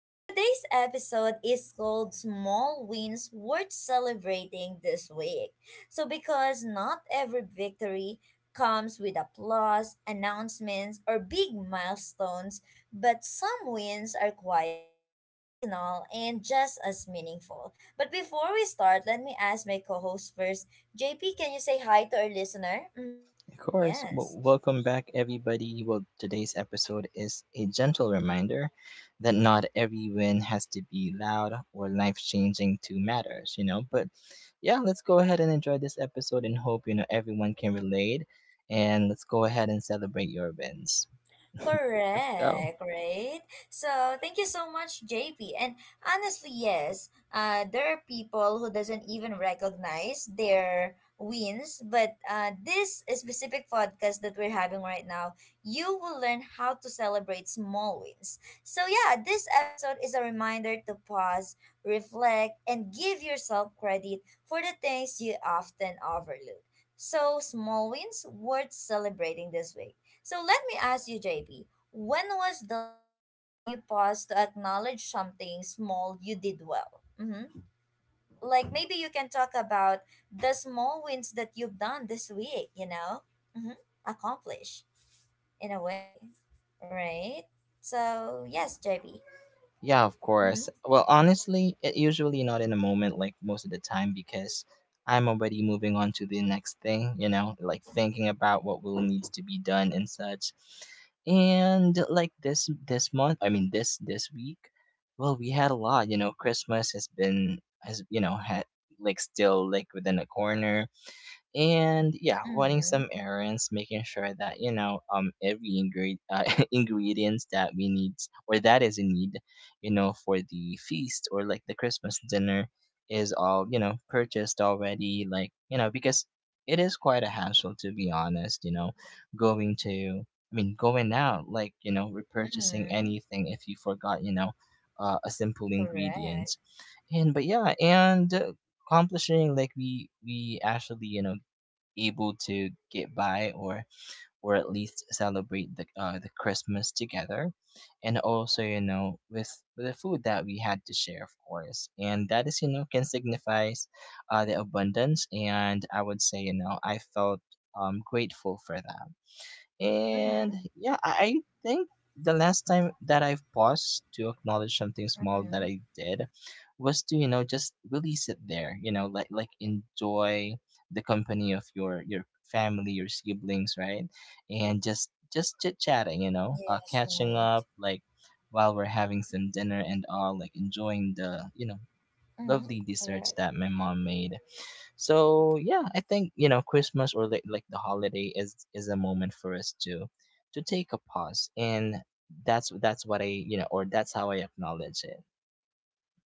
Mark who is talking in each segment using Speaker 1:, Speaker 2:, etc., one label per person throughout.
Speaker 1: So today's episode is called Small Wins Worth Celebrating This Week. So because not every victory comes with applause, announcements, or big milestones, but some wins are quiet, personal, and just as meaningful. But before we start, let me ask my co-host first. JP, can you say hi to our listener? Mm-hmm.
Speaker 2: Of course. Well,
Speaker 1: Yes.
Speaker 2: welcome back, everybody. Well, today's episode is a gentle reminder that not every win has to be loud or life changing to matter. But yeah, let's go ahead and enjoy this episode and hope, everyone can relate. And let's go ahead and celebrate your wins. Let's go.
Speaker 1: Correct, right? So thank you so much, JP. And honestly, yes, there are people who doesn't even recognize their wins, but this specific podcast that we're having right now, you will learn how to celebrate small wins. So yeah, this episode is a reminder to pause, reflect, and give yourself credit for the things you often overlook. So small wins worth celebrating this week. So let me ask you, JP, when was the last time you paused to acknowledge something small you did well? Mm-hmm. Like maybe you can talk about the small wins that you've done this week, you know? Mm-hmm. Accomplish in a way, right? So, yes, JP.
Speaker 2: Yeah, of
Speaker 1: Mm-hmm.
Speaker 2: course. Well, honestly, it usually not in a moment like most of the time because I'm already moving on to the next thing, like thinking about what will needs to be done and such. And like this month, I mean this week, well, we had a lot, you know, Christmas has been has, had like still like within a corner, and yeah, running
Speaker 1: Mm-hmm.
Speaker 2: some errands, making sure that, every ingredient, ingredients that we need or that is in need, you know, for the feast or like the Christmas dinner is all, you know, purchased already, like, you know, because it is quite a hassle, to be honest, you know, going to, I mean going out, like, you know, repurchasing
Speaker 1: Mm-hmm.
Speaker 2: anything if you forgot, you know, a simple ingredient.
Speaker 1: Correct.
Speaker 2: And but yeah, and accomplishing, like we actually, you know, able to get by, or at least celebrate the the Christmas together, and also, you know, with the food that we had to share, of course, and that is, you know, can signifies the abundance, and I would say, you know, I felt grateful for that. And
Speaker 1: Mm-hmm.
Speaker 2: yeah, I think the last time that I've paused to acknowledge something small that
Speaker 1: Mm-hmm.
Speaker 2: I did was to, you know, just really sit there, you know, like enjoy the company of your family, your siblings, right? And just chit chatting, you know,
Speaker 1: Yes,
Speaker 2: catching
Speaker 1: right.
Speaker 2: up like while we're having some dinner and all, like enjoying the, you know,
Speaker 1: Mm-hmm.
Speaker 2: lovely
Speaker 1: Correct.
Speaker 2: desserts that my mom made. So yeah, I think, you know, Christmas or like the holiday is a moment for us to take a pause, and that's what I, you know, or that's how I acknowledge it.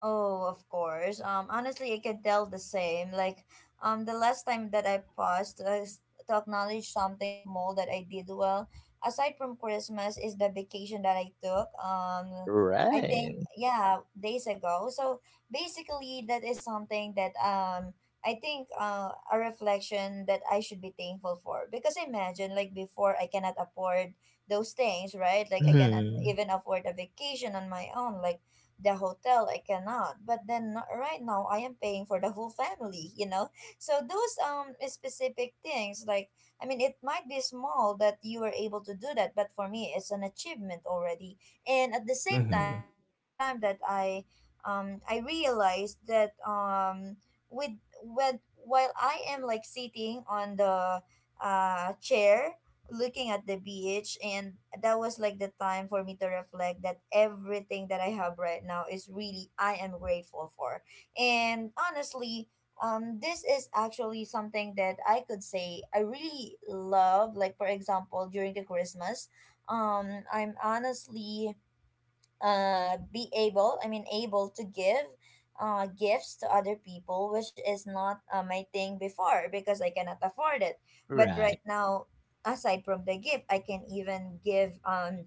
Speaker 1: Oh, of course. Honestly, I can tell the same. Like, the last time that I paused to, to acknowledge something small that I did well, aside from Christmas, is the vacation that I took. I think
Speaker 2: Right.
Speaker 1: yeah, days ago. So basically, that is something that I think a reflection that I should be thankful for because imagine like before I cannot afford those things, right? Like I cannot
Speaker 2: Hmm.
Speaker 1: even afford a vacation on my own, like the hotel I cannot, but then right now I am paying for the whole family, you know? So those specific things, like I mean, it might be small that you were able to do that, but for me, it's an achievement already. And at the same time,
Speaker 2: Hmm.
Speaker 1: that was the time that I realized that with when while I am like sitting on the chair looking at the beach, and that was like the time for me to reflect that everything that I have right now is really I am grateful for. And honestly, this is actually something that I could say I really love, like for example during the Christmas, I'm honestly be able I mean able to give gifts to other people, which is not my thing before because I cannot afford it. But
Speaker 2: Right.
Speaker 1: right now, aside from the gift, I can even give,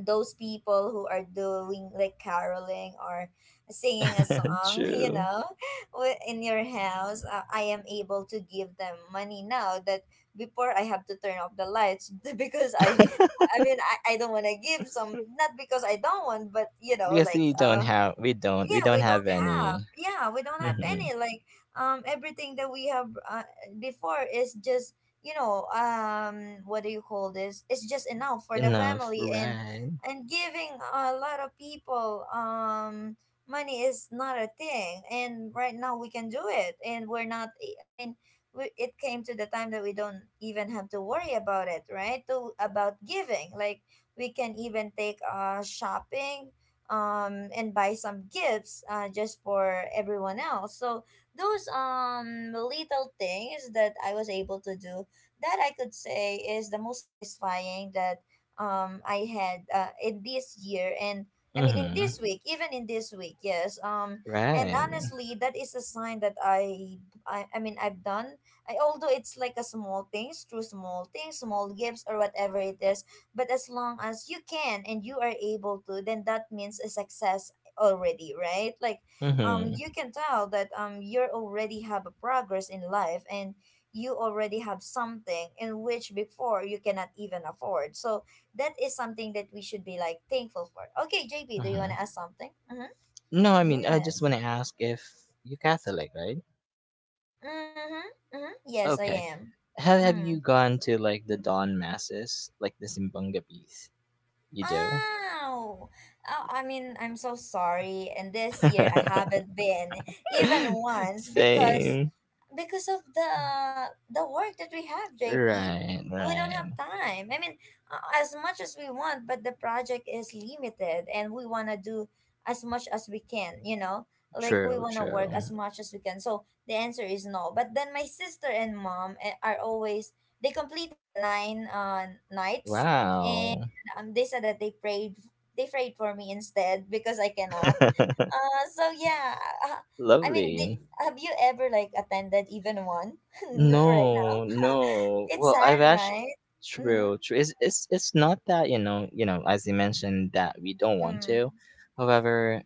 Speaker 1: those people who are doing like caroling or singing a song, you
Speaker 2: True.
Speaker 1: know, in your house, I am able to give them money now, that before I have to turn off the lights because I don't want to give some, not because I don't want, but you know,
Speaker 2: Because
Speaker 1: like,
Speaker 2: we don't have we don't we don't have any.
Speaker 1: we don't have
Speaker 2: Hmm.
Speaker 1: any, like everything that we have before is just, you know, what do you call this it's just enough for the
Speaker 2: Enough.
Speaker 1: family. and
Speaker 2: Right.
Speaker 1: and giving a lot of people money is not a thing, and right now we can do it. And we're not, it came to the time that we don't even have to worry about it, right, to about giving. Like we can even take shopping and buy some gifts, just for everyone else. So those little things that I was able to do, that I could say is the most satisfying that I had in this year, and I mean in
Speaker 2: Hmm.
Speaker 1: this week, even in this week, yes. And
Speaker 2: Right.
Speaker 1: honestly, that is a sign that I've done, although it's like a small things, through small things, small gifts, or whatever it is, but as long as you can and you are able to, then that means a success already, right? Like
Speaker 2: Hmm.
Speaker 1: you can tell that you already have a progress in life, and you already have something in which before you cannot even afford. So that is something that we should be like thankful for. Okay, J P, do you want
Speaker 2: Hmm.
Speaker 1: to ask something? Mm-hmm.
Speaker 2: No, I mean I just
Speaker 1: Yes.
Speaker 2: want to ask if you're Catholic, right?
Speaker 1: Mm-hmm. Mm-hmm. Yes, I
Speaker 2: Okay.
Speaker 1: am.
Speaker 2: Have
Speaker 1: Mm.
Speaker 2: you gone to like the dawn masses, like the Simbanga piece? You do?
Speaker 1: Oh, oh, I mean, I'm so sorry. And this year I haven't been even once because
Speaker 2: Same.
Speaker 1: because of the work that we have, JP,
Speaker 2: Right,
Speaker 1: we don't
Speaker 2: right.
Speaker 1: have time, I mean, as much as we want, but the project is limited and we want to do as much as we can, you know, like we
Speaker 2: True,
Speaker 1: want to work
Speaker 2: true.
Speaker 1: as much as we can. So the answer is no. But then my sister and mom, are always, they completed the nine nights. And
Speaker 2: Wow.
Speaker 1: they said that they prayed for me instead because I cannot. So yeah. uh, I mean, they,
Speaker 2: Lovely.
Speaker 1: have you ever like attended even one right now?
Speaker 2: No, no.
Speaker 1: It's
Speaker 2: Well, I've
Speaker 1: sad,
Speaker 2: actually,
Speaker 1: right? Mm-hmm.
Speaker 2: true, true. It's not that, you know, as you mentioned that we don't want
Speaker 1: Mm-hmm.
Speaker 2: to. However,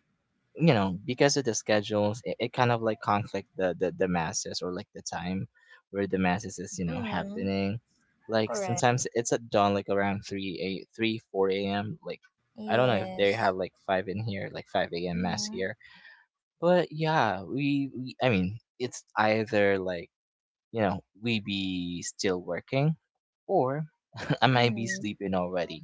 Speaker 2: you know, because of the schedules it kind of like conflict the masses or like the time where the masses is, you know,
Speaker 1: Mm-hmm.
Speaker 2: happening, like
Speaker 1: Correct.
Speaker 2: sometimes it's at dawn, like around 3, a 3, 4 a.m., like I don't know if they
Speaker 1: Yes.
Speaker 2: have like 5 in here, like 5 a.m. mass
Speaker 1: Mm-hmm.
Speaker 2: here. But yeah, we I mean, it's either like, you know, we be still working, or I might be
Speaker 1: Mm-hmm.
Speaker 2: sleeping already,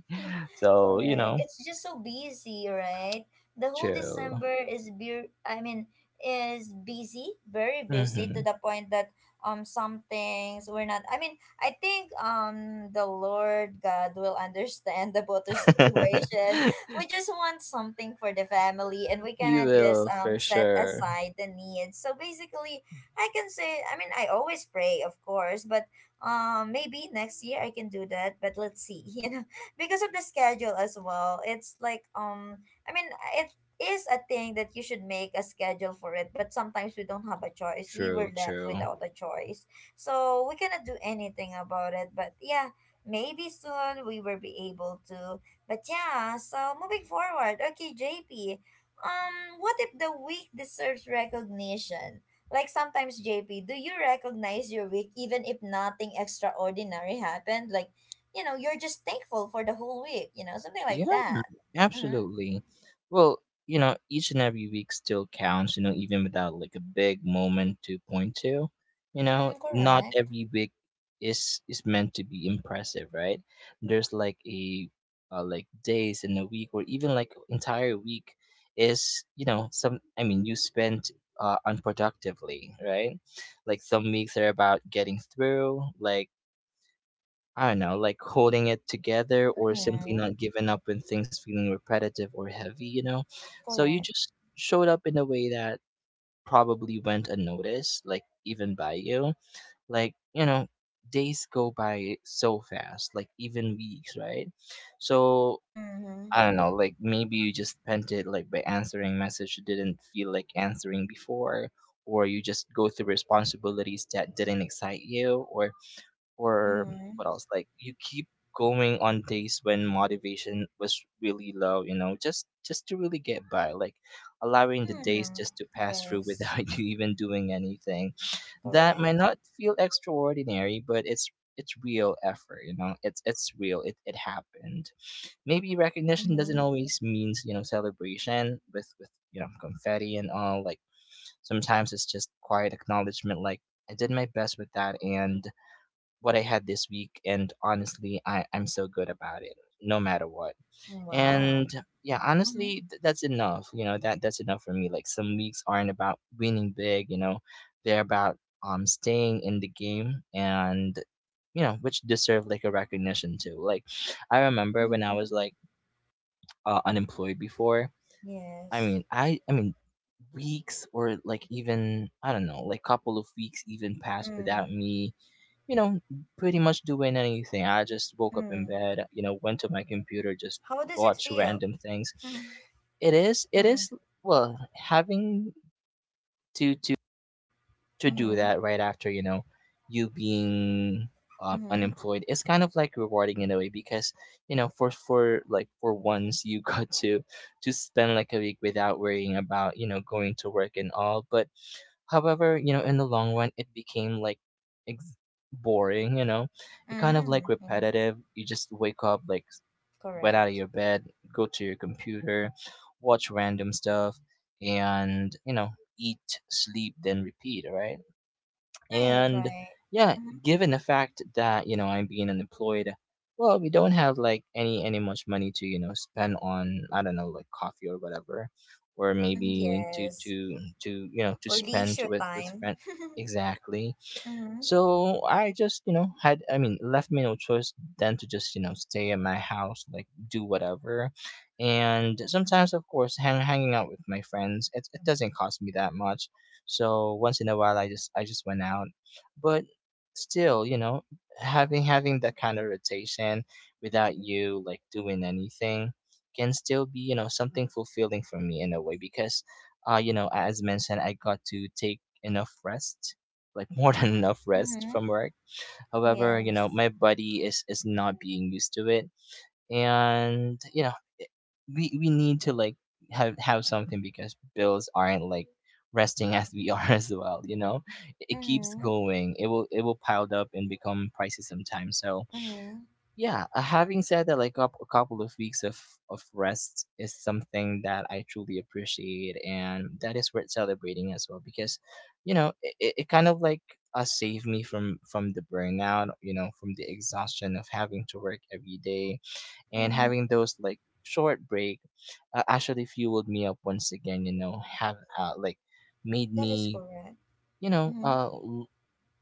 Speaker 2: so you
Speaker 1: Correct.
Speaker 2: know.
Speaker 1: It's just so busy, right? The whole
Speaker 2: Chill.
Speaker 1: December is be I mean is busy, very busy, to
Speaker 2: Hmm.
Speaker 1: the point that some things we're not, I mean, I think the Lord God will understand about our situation. We just want something for the family and we
Speaker 2: He
Speaker 1: cannot just
Speaker 2: will for
Speaker 1: set
Speaker 2: sure.
Speaker 1: aside the needs. So basically I can say, I mean, I always pray, of course. But maybe next year I can do that, but let's see, you know, because of the schedule as well. It's like I mean it is a thing that you should make a schedule for it, but sometimes we don't have a choice. We were
Speaker 2: True,
Speaker 1: left
Speaker 2: true.
Speaker 1: without a choice. So we cannot do anything about it. But yeah, maybe soon we will be able to. But yeah, so moving forward. Okay, JP. Um what if the weak deserves recognition? Like sometimes JP, do you recognize your week even if nothing extraordinary happened? Like you know, you're just thankful for the whole week, you know, something like
Speaker 2: Yeah,
Speaker 1: that. Mm-hmm.
Speaker 2: absolutely. Well, you know, each and every week still counts, you know, even without like a big moment to point to. You know,
Speaker 1: Mm,
Speaker 2: not
Speaker 1: correct.
Speaker 2: every week is meant to be impressive, right? There's like a, like days in a week or even like entire week is, you know, some, I mean, you spent unproductively, right? Like some weeks are about getting through, like I don't know, like holding it together or simply
Speaker 1: Mm-hmm.
Speaker 2: not giving up when things feeling repetitive or heavy, you know? So you
Speaker 1: Correct.
Speaker 2: just showed up in a way that probably went unnoticed, like even by you. Like, you know, days go by so fast, like even weeks, right? So
Speaker 1: Mm-hmm.
Speaker 2: I don't know, like maybe you just spent it like by answering message you didn't feel like answering before, or you just go through responsibilities that didn't excite you, or
Speaker 1: Mm-hmm.
Speaker 2: what else, like you keep going on days when motivation was really low, you know, just to really get by, like allowing the days
Speaker 1: Mm-hmm.
Speaker 2: just to pass through without
Speaker 1: Yes.
Speaker 2: you even doing anything. That might
Speaker 1: Correct.
Speaker 2: not feel extraordinary, but it's real effort. You know, it's real, it happened. Maybe recognition doesn't
Speaker 1: Mm-hmm.
Speaker 2: always means, you know, celebration with, you know, confetti and all, like sometimes it's just quiet acknowledgement, like I did my best with that and what I had this week, and honestly, I'm so good about it, no matter what. And
Speaker 1: Wow.
Speaker 2: yeah,
Speaker 1: Mm-hmm.
Speaker 2: honestly, that's enough. You know that that's enough for me. Like some weeks aren't about winning big. You know, they're about staying in the game, and you know which deserve like a recognition too. Like I remember when I
Speaker 1: Mm-hmm.
Speaker 2: was like, unemployed before. I
Speaker 1: Yes.
Speaker 2: mean, I mean weeks or like even I don't know, like couple of weeks even passed without
Speaker 1: Mm-hmm.
Speaker 2: me, you know, pretty much doing anything. I just woke up in
Speaker 1: Mm-hmm.
Speaker 2: bed, you know, went to my computer, just
Speaker 1: How does it
Speaker 2: watched
Speaker 1: feel?
Speaker 2: random things.
Speaker 1: Mm-hmm.
Speaker 2: It
Speaker 1: Mm-hmm.
Speaker 2: is, well, having to to to do
Speaker 1: Mm-hmm.
Speaker 2: that right after, you know, you being
Speaker 1: Mm-hmm.
Speaker 2: unemployed is kind of like rewarding in a way, because, you know, for like for once, you got to spend like a week without worrying about, you know, going to work and all. But however, you know, in the long run it became like, ex- boring, you know, it kind of like
Speaker 1: Mm-hmm.
Speaker 2: repetitive. You just wake up like, went out of your
Speaker 1: Correct.
Speaker 2: bed, go to your computer, watch random stuff, and you know, eat, sleep, then repeat, right?
Speaker 1: Right,
Speaker 2: And
Speaker 1: right.
Speaker 2: yeah,
Speaker 1: Mm-hmm.
Speaker 2: given the fact that, you know, I'm being unemployed, well, we don't have like any much money to, you know, spend on, I don't know, like coffee or whatever, or
Speaker 1: Mm-hmm.
Speaker 2: maybe to
Speaker 1: Yes.
Speaker 2: to to, you know, to
Speaker 1: For
Speaker 2: spend
Speaker 1: leisure
Speaker 2: with friend.
Speaker 1: time.
Speaker 2: Exactly.
Speaker 1: Mm-hmm.
Speaker 2: So I just, you know, had I mean, left me no choice than to just, you know, stay in my house, like do whatever. And sometimes of course, hanging out with my friends, it doesn't cost me that much. So once in a while, I just went out, but still, you know, having that kind of rotation without you like doing anything can still be, you know, something fulfilling for me in a way because, you know, as mentioned, I got to take enough rest, like more than enough rest from
Speaker 1: Mm-hmm.
Speaker 2: work. However, you know, my
Speaker 1: Yes.
Speaker 2: body is not being used to it, and you know we need to like have something because bills aren't like resting as we are as well, you know, it keeps
Speaker 1: Mhm,
Speaker 2: going, it will piled up and become pricey sometimes. So
Speaker 1: mhm,
Speaker 2: yeah, having said that, like up a couple of weeks of rest is something that I truly appreciate, and that is worth celebrating as well, because, you know, it kind of like, saved me from the burnout, you know, from the exhaustion of having to work every day, and
Speaker 1: mhm.
Speaker 2: having those like short break actually fueled me up once again, you know, have, like made
Speaker 1: That is
Speaker 2: me,
Speaker 1: correct.
Speaker 2: you know, uh
Speaker 1: Mhm,
Speaker 2: w-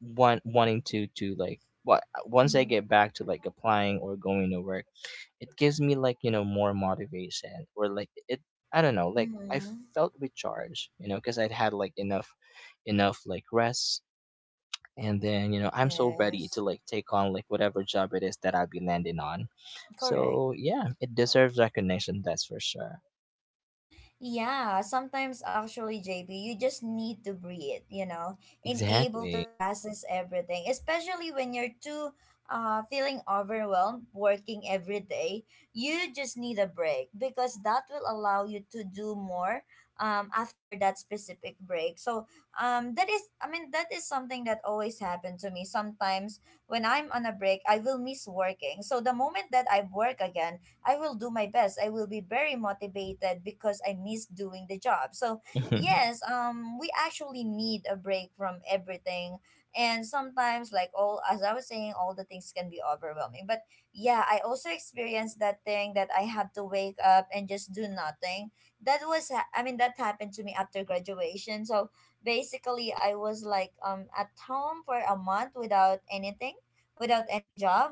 Speaker 2: want wanting to like what once I
Speaker 1: mhm,
Speaker 2: get back to like applying or going to work. It gives me like, you know, more motivation, or like it, I don't know, like I
Speaker 1: mhm.
Speaker 2: felt recharged, you know, because I'd had like enough like rest, and then, you know, I'm so ready to
Speaker 1: Yes,
Speaker 2: like take on like whatever job it is that I'll be landing on.
Speaker 1: correct.
Speaker 2: So yeah, it deserves recognition, that's for sure.
Speaker 1: Yeah, sometimes actually, JP, you just need to breathe, you know, and able to
Speaker 2: Exactly.
Speaker 1: process everything, especially when you're too feeling overwhelmed working every day. You just need a break because that will allow you to do more after that specific break. So, that is something that always happened to me. Sometimes when I'm on a break, I will miss working. So, the moment that I work again, I will do my best. I will be very motivated because I miss doing the job. So,
Speaker 2: Mhm.
Speaker 1: yes, we actually need a break from everything. And sometimes, as I was saying, all the things can be overwhelming. But yeah, I also experienced that thing that I had to wake up and just do nothing. That was, that happened to me after graduation. So, basically I was like at home for a month without anything, without any job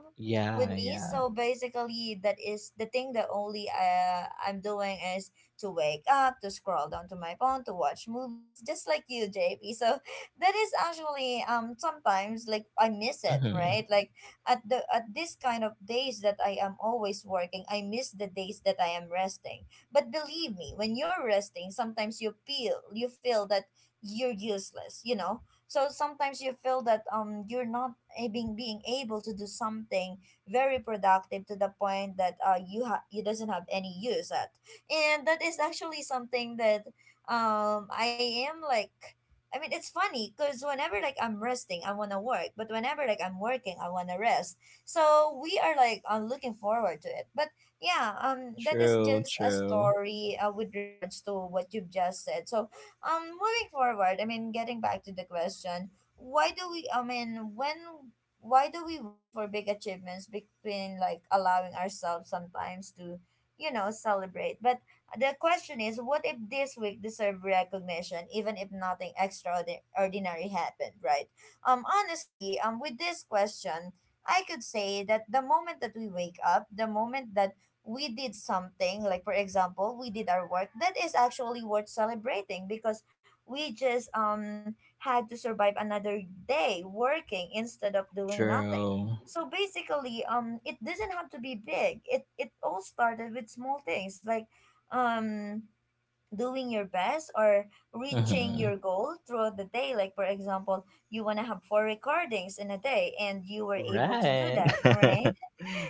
Speaker 1: with
Speaker 2: Yeah,
Speaker 1: me.
Speaker 2: yeah.
Speaker 1: So basically, that is the thing that only, I'm doing, is to wake up, to scroll down to my phone, to watch movies, just like you, JP. So that is actually sometimes like I miss it,
Speaker 2: Hmm.
Speaker 1: right? Like at the at this kind of days that I am always working, I miss the days that I am resting. But believe me, when you're resting, sometimes you feel that you're useless. You know. So sometimes you feel that you're not a- being able to do something very productive, to the point that you doesn't have any use at. And that is actually something that I am like I mean it's funny because whenever like I'm resting I want to work, but whenever like I'm working I want to rest. So we are like looking forward to it. But yeah, that is
Speaker 2: True,
Speaker 1: just a
Speaker 2: true.
Speaker 1: story with regards to what you've just said. So moving forward, getting back to the question, why do we i mean when why do we wait for big achievements, between like allowing ourselves sometimes to you know celebrate. But the question is, what if this week deserve recognition even if nothing extraordinary happened, right? Honestly, with this question, I could say that the moment that we wake up, the moment that we did something, like for example we did our work, that is actually worth celebrating because we just had to survive another day working instead of doing nothing.
Speaker 2: True.
Speaker 1: So basically, it doesn't have to be big. It all started with small things like, um, doing your best or reaching your
Speaker 2: Hmm.
Speaker 1: goal throughout the day. Like for example, you wanna have four recordings in a day, and you were able to do
Speaker 2: Right.
Speaker 1: that, right?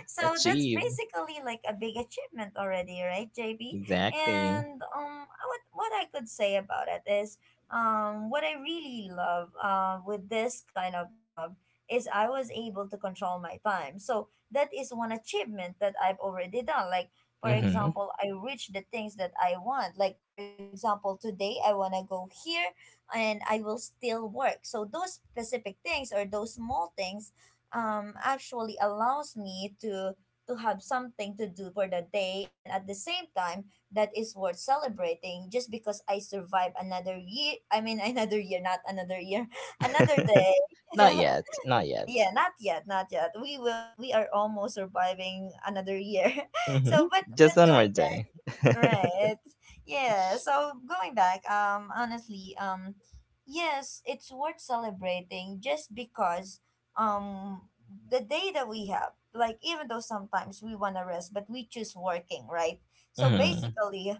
Speaker 1: So that's
Speaker 2: Achieve.
Speaker 1: basically like a big achievement already, right, JB?
Speaker 2: Exactly.
Speaker 1: And I would what I could say about it is what I really love with this kind of job is I was able to control my time. So that is one achievement that I've already done. Like for
Speaker 2: Hmm.
Speaker 1: example, I reach the things that I want. Like for example, today I want to go here and I will still work. So those specific things or those small things actually allows me to have something to do for the day, and at the same time that is worth celebrating just because I survive another year. I mean another year, not another year, another day you
Speaker 2: Not
Speaker 1: know
Speaker 2: yet, not
Speaker 1: Yeah,
Speaker 2: yet.
Speaker 1: not yet, not yet. We are almost surviving another year.
Speaker 2: Hmm.
Speaker 1: So but
Speaker 2: Just
Speaker 1: but
Speaker 2: one more
Speaker 1: going back.
Speaker 2: day.
Speaker 1: Right. Yeah. So going back, honestly, yes, it's worth celebrating just because, um, the day that we have, like, even though sometimes we want to rest, but we choose working, right? So
Speaker 2: Hmm.
Speaker 1: basically,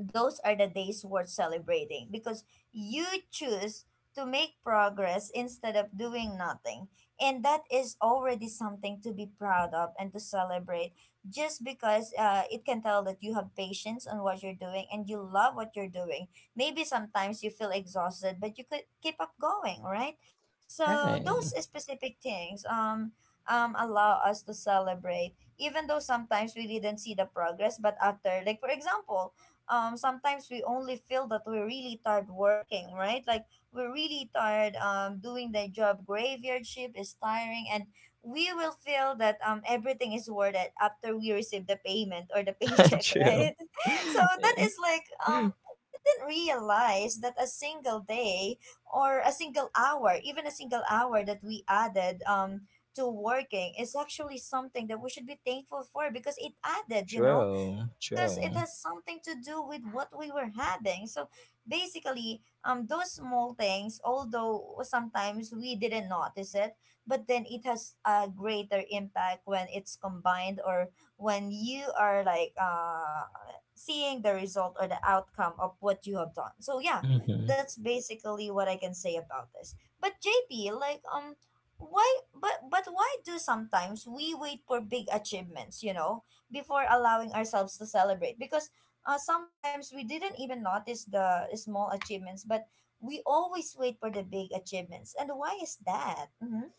Speaker 1: those are the days worth celebrating because you choose to make progress instead of doing nothing. And that is already something to be proud of and to celebrate just because it can tell that you have patience on what you're doing and you love what you're doing. Maybe sometimes you feel exhausted, but you could keep up going, right? So those
Speaker 2: Right.
Speaker 1: specific things allow us to celebrate, even though sometimes we didn't see the progress, but after, like, for example, sometimes we only feel that we're really tired working, right? Like we're really tired, doing the job. Graveyard shift is tiring, and we will feel that everything is worth it after we receive the payment or the paycheck,
Speaker 2: True.
Speaker 1: right So that is like we didn't realize that a single day or a single hour, even a single hour that we added to working is actually something that we should be thankful for because it added.
Speaker 2: True,
Speaker 1: Because it
Speaker 2: true.
Speaker 1: has something to do with what we were having. So basically, those small things, although sometimes we didn't notice it, but then it has a greater impact when it's combined or when you are like seeing the result or the outcome of what you have done. So yeah,
Speaker 2: Hmm.
Speaker 1: that's basically what I can say about this. But JP, like why, but why do sometimes we wait for big achievements, you know, before allowing ourselves to celebrate? Because sometimes we didn't even notice the small achievements, but we always wait for the big achievements. And why is that? Mm-hmm.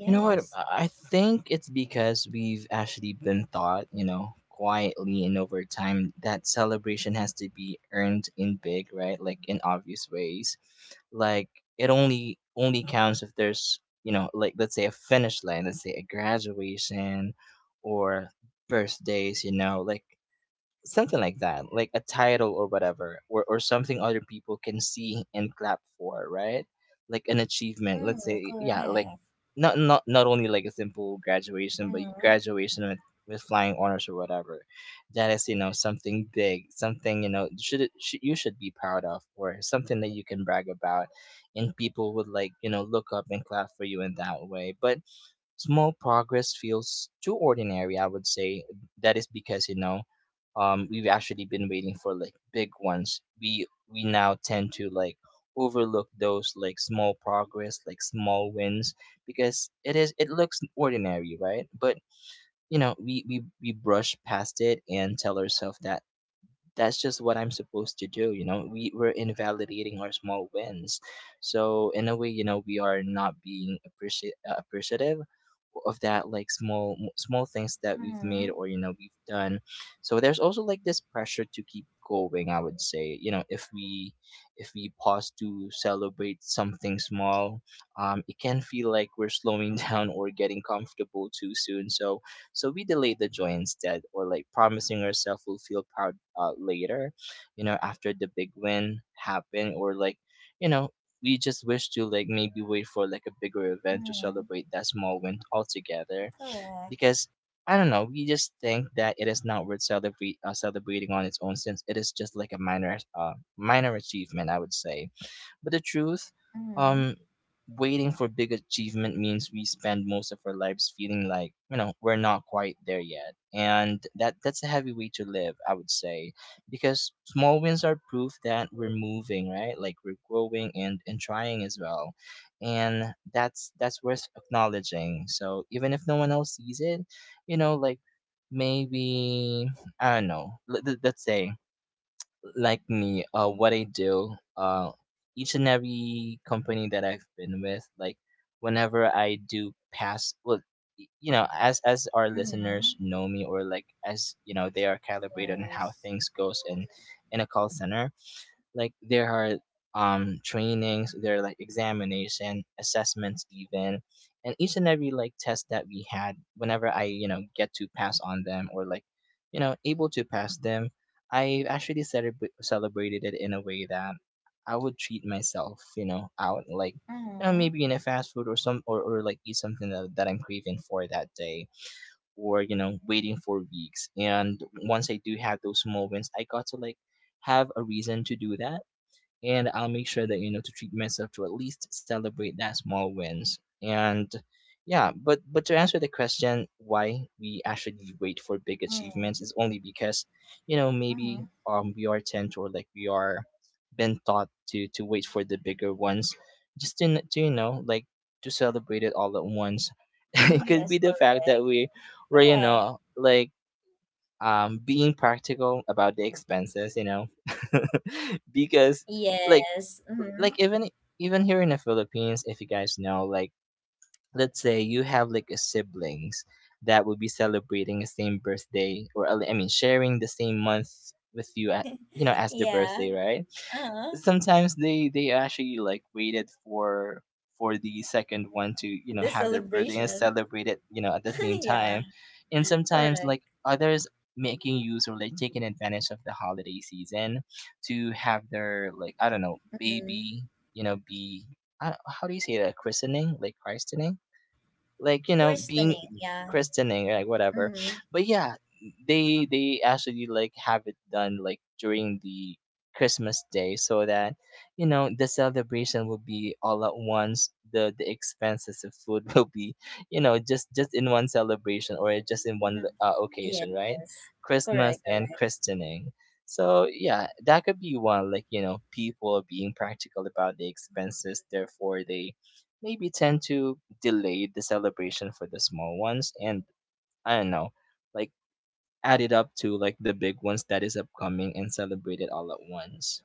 Speaker 2: You know what? I think it's because we've actually been taught, you know, quietly and over time that celebration has to be earned in big, right? Like in obvious ways. Like it only counts if there's, you know, like let's say a finish line, let's say a graduation or birthdays, you know, like something like that, like a title or whatever, or something other people can see and clap for, right? Like an achievement. Let's
Speaker 1: Mm,
Speaker 2: say, yeah, like
Speaker 1: correct.
Speaker 2: not only like a simple graduation, but
Speaker 1: Mm-hmm.
Speaker 2: graduation with flying honors or whatever. That is, you know, something big, something you know should you should be proud of, or something that you can brag about, and people would like, you know, look up and clap for you in that way. But small progress feels too ordinary. I would say that is because we've actually been waiting for like big ones. We now tend to like overlook those like small progress like small wins because it looks ordinary, right? But you know we brush past it and tell ourselves that that's just what I'm supposed to do. You know, we're invalidating our small wins. So in a way, you know, we are not being appreciate appreciative of that like small small things that we've made
Speaker 1: Mm-hmm.
Speaker 2: or you know we've done. So there's also like this pressure to keep going. I would say, you know, if we pause to celebrate something small, it can feel like we're slowing down or getting comfortable too soon. So we delay the joy instead, or like promising ourselves we'll feel proud later, you know, after the big win happened, or like, you know, we just wish to like maybe wait for like a bigger event to
Speaker 1: Mm-hmm.
Speaker 2: celebrate that small win altogether
Speaker 1: Correct.
Speaker 2: because I don't know. We just think that it is not worth celebrating on its own since it is just like a minor, minor achievement. I would say but the truth,
Speaker 1: Mm-hmm.
Speaker 2: um, waiting for big achievement means we spend most of our lives feeling like you know we're not quite there yet, and that's a heavy way to live, I would say, because small wins are proof that we're moving, right? Like we're growing and trying as well, and that's worth acknowledging. So even if no one else sees it, you know, like maybe I don't know. Let's say like me, what I do, each and every company that I've been with, like whenever I do pass, well, you know, as our listeners
Speaker 1: Mm-hmm.
Speaker 2: know me, or like as you know, they are calibrated on how
Speaker 1: Yes.
Speaker 2: things goes in a call center like there are trainings. There are like examination assessments even, and each and every like test that we had whenever I you know get to pass on them or like you know able to pass them, I actually celebrated it in a way that I would treat myself you know out like you know
Speaker 1: Mm-hmm.
Speaker 2: maybe in a fast food or some or like eat something that I'm craving for that day or you know waiting for weeks, and once I do have those small wins I got to like have a reason to do that. And I'll make sure that you know to treat myself to at least celebrate that small wins. And yeah, but to answer the question why we actually wait for big
Speaker 1: Mm-hmm.
Speaker 2: achievements is only because you know maybe
Speaker 1: Mm-hmm.
Speaker 2: we are tend or like we are been taught to wait for the bigger ones just to, to you know like to celebrate it all at once. It could
Speaker 1: Yes,
Speaker 2: be the fact that
Speaker 1: correct.
Speaker 2: we were you
Speaker 1: Correct.
Speaker 2: know like being practical about the expenses, you know, because like
Speaker 1: Yes. Mm-hmm.
Speaker 2: like even even here in the Philippines, if you guys know, like let's say you have like a siblings that would be celebrating the same birthday or I mean sharing the same month with you at, you know as their birthday,
Speaker 1: Yeah.
Speaker 2: right?
Speaker 1: Uh-huh.
Speaker 2: Sometimes they actually like waited for the second one to you know
Speaker 1: The
Speaker 2: have their birthday and
Speaker 1: celebration.
Speaker 2: celebrate it you know at the same
Speaker 1: Yeah.
Speaker 2: time, and sometimes
Speaker 1: Correct.
Speaker 2: like others making use or like taking advantage of the holiday season to have their like I don't know
Speaker 1: Mm.
Speaker 2: baby you know be I, how do you say that christening like you know being
Speaker 1: Christening, yeah.
Speaker 2: christening like whatever.
Speaker 1: Mm-hmm.
Speaker 2: But yeah, they actually like have it done like during the Christmas day so that you know the celebration will be all at once. The expenses of food will be you know just in one celebration or just in one occasion, right?
Speaker 1: Yes.
Speaker 2: Christmas
Speaker 1: Correct,
Speaker 2: and
Speaker 1: correct,
Speaker 2: christening. So yeah, that could be one like you know people are being practical about the expenses, therefore they maybe tend to delay the celebration for the small ones and I don't know, like add it up to like the big ones that is upcoming and celebrate it all at once.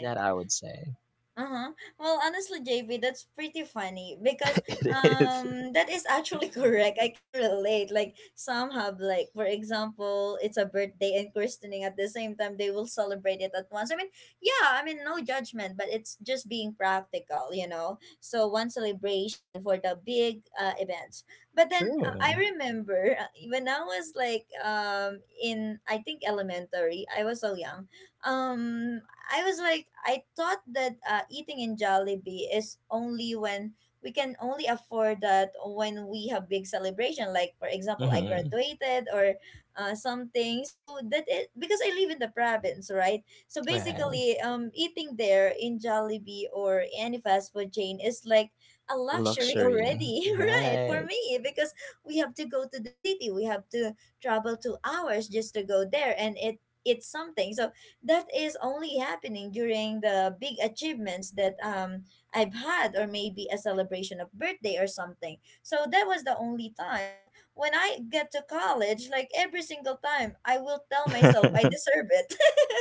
Speaker 2: That I would say.
Speaker 1: Uh-huh. Well, honestly, JV, that's pretty funny because
Speaker 2: It is.
Speaker 1: that is actually correct. I can relate. Like some have, like for example, it's a birthday and christening at the same time. They will celebrate it at once. I mean, yeah, I mean no judgment, but it's just being practical, you know. So one celebration for the big events. But then I
Speaker 2: True.
Speaker 1: remember when I was like in I think elementary, I was so young. um I was like, I thought that eating in Jollibee is only when we can only afford that, when we have big celebration, like for example, I
Speaker 2: Mm-hmm.
Speaker 1: graduated or something. So that it, because I live in the province, right? So
Speaker 2: Right.
Speaker 1: basically, eating there in Jollibee or any fast food chain is like a luxury
Speaker 2: Luxury.
Speaker 1: already, right? For
Speaker 2: Right.
Speaker 1: me, because we have to go to the city, we have to travel 2 hours just to go there, and it it's something. So that is only happening during the big achievements that I've had, or maybe a celebration of birthday or something. So that was the only time. But when I get to college, like every single time, I will tell myself I deserve it.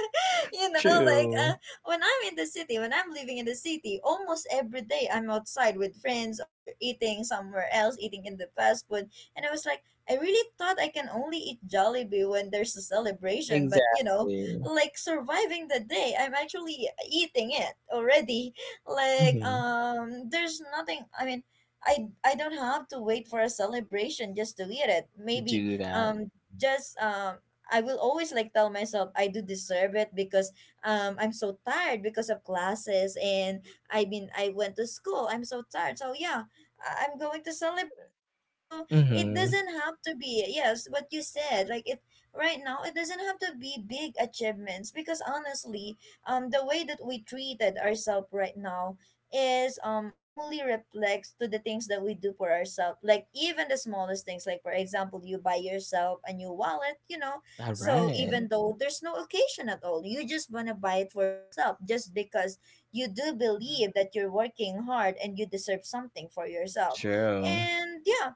Speaker 1: You know, like
Speaker 2: True.
Speaker 1: when I'm in the city, when I'm living in the city, almost every day I'm outside with friends or eating somewhere else, eating in the fast food. And I was like, I really thought I can only eat Jollibee when there's a celebration, but you know,
Speaker 2: Exactly.
Speaker 1: like surviving the day, I'm actually eating it already. Like
Speaker 2: Mm-hmm.
Speaker 1: there's nothing. I mean, I don't have to wait for a celebration just to eat it.
Speaker 2: To
Speaker 1: Maybe
Speaker 2: do that.
Speaker 1: um just I will always like tell myself I do deserve it because I'm so tired because of classes, and I mean I went to school. I'm so tired. So yeah, I'm going to celebrate, you know? So it
Speaker 2: Mm-hmm.
Speaker 1: doesn't have to be, yes, what you said. Like it right now, it doesn't have to be big achievements, because honestly the way that we treated ourselves right now is only reflects to the things that we do for ourselves, like even the smallest things, like for example you buy yourself a new wallet, you know.
Speaker 2: All
Speaker 1: So
Speaker 2: right.
Speaker 1: even though there's no occasion at all, you just want to buy it for yourself just because you do believe that you're working hard and you deserve something for yourself.
Speaker 2: True.
Speaker 1: And yeah,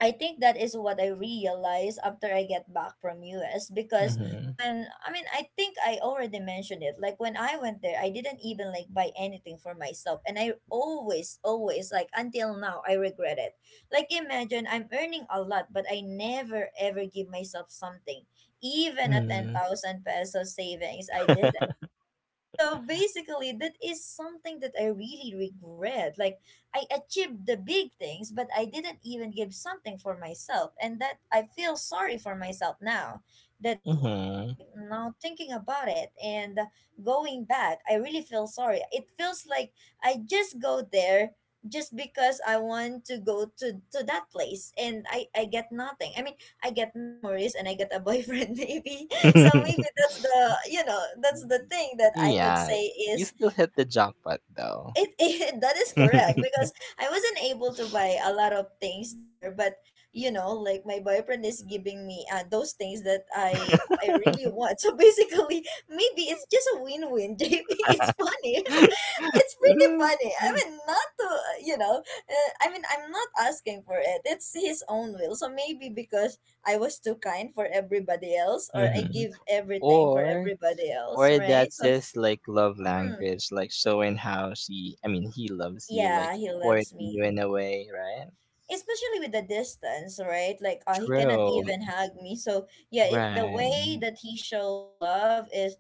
Speaker 1: I think that is what I realized after I get back from US, because
Speaker 2: Mm-hmm.
Speaker 1: when I mean I think I already mentioned it, like when I went there I didn't even like buy anything for myself, and I always, always, like until now, I regret it. Like imagine I'm earning a lot, but I never ever give myself something. Even a
Speaker 2: Mm-hmm.
Speaker 1: 10,000 peso savings I didn't. So basically, that is something that I really regret. Like, I achieved the big things, but I didn't even give something for myself. And that, I feel sorry for myself now that I did that.
Speaker 2: Mm-hmm.
Speaker 1: Like, now thinking about it and going back, I really feel sorry. It feels like I just go there just because I want to go to that place, and I get nothing. I mean, I get memories and I get a boyfriend maybe, so maybe that's the, you know, that's the thing that I could
Speaker 2: Yeah,
Speaker 1: say
Speaker 2: you
Speaker 1: is
Speaker 2: still hit the jackpot though.
Speaker 1: it, it that is correct because I wasn't able to buy a lot of things there, but you know, like my boyfriend is giving me those things that I really want. So basically maybe it's just a win-win. JP, it's funny, it's pretty funny. I mean, not to uh. I mean, I'm not asking for it. It's his own will. So maybe because I was too kind for everybody else, or I
Speaker 2: Mhm.
Speaker 1: give everything for
Speaker 2: Or
Speaker 1: everybody else,
Speaker 2: or
Speaker 1: right?
Speaker 2: that's
Speaker 1: So,
Speaker 2: his like love
Speaker 1: mm,
Speaker 2: language, like showing how she I mean he loves you, like
Speaker 1: yeah, he
Speaker 2: supporting
Speaker 1: loves me.
Speaker 2: you in a way, right?
Speaker 1: Especially with the distance, right? Like he cannot
Speaker 2: True.
Speaker 1: even hug me. So yeah, it, the way
Speaker 2: Right.
Speaker 1: that he show love is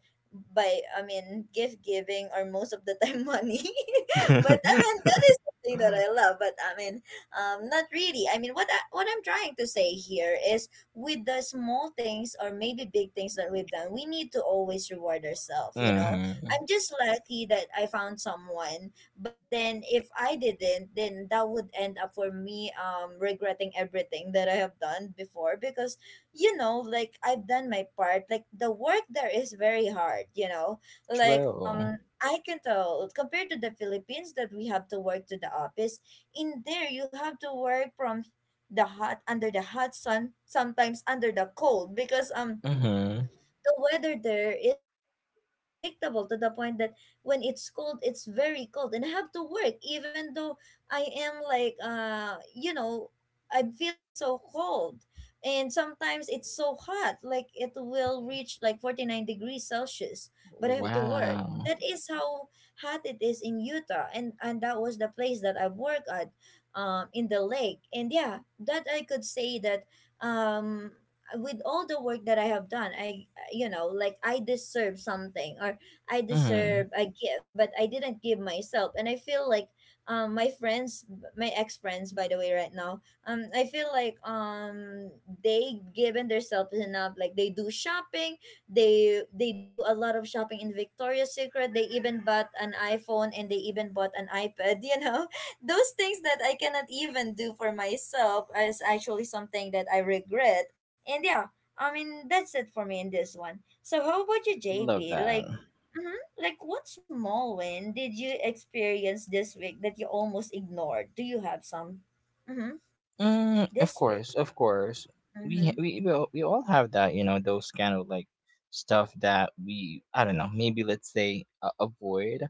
Speaker 1: by, I mean, gift giving, or most of the time money. But I mean, that is something that I love. But I mean, not really. I mean, what I'm trying to say here is with the small things or maybe big things that we've done, we need to always reward ourselves. You know,
Speaker 2: Mm-hmm.
Speaker 1: I'm just lucky that I found someone, but then if I didn't, then that would end up for me regretting everything that I have done before. Because you know, like I've done my part, like the work there is very hard, you know, like
Speaker 2: True.
Speaker 1: I can tell compared to the Philippines that we have to work to the office. In there, you have to work from the hot under the hot sun, sometimes under the cold because
Speaker 2: Mm-hmm.
Speaker 1: the weather there is very unpredictable, to the point that when it's cold, it's very cold, and I have to work even though I am like, I'm feeling so cold. And sometimes it's so hot, like it will reach like 49 degrees Celsius, but I have to work.
Speaker 2: Wow.
Speaker 1: That is how hot it is in Utah, and that was the place that I worked at, in the lake. And yeah, that I could say that, um with all the work that I have done, I, like, I deserve something or I
Speaker 2: Mm-hmm.
Speaker 1: deserve a gift, but I didn't give myself. And I feel like, um my friends my ex-friends, by the way, right now. I feel like, they given themselves enough. Like, they do shopping, they do a lot of shopping in Victoria's Secret. They even bought an iPhone, and they even bought an iPad, you know, those things that I cannot even do for myself is actually something that I regret. And yeah, I mean, that's it for me in this one. So how about you,
Speaker 2: Love
Speaker 1: JP?
Speaker 2: that.
Speaker 1: Like, what small win did you experience this week that you almost ignored? Do you have some? Mm-hmm.
Speaker 2: Mm, of
Speaker 1: This week.
Speaker 2: course, of course. We
Speaker 1: Mm-hmm.
Speaker 2: ha- we all have that, you know, those kind of like stuff that we I don't know, maybe let's say avoid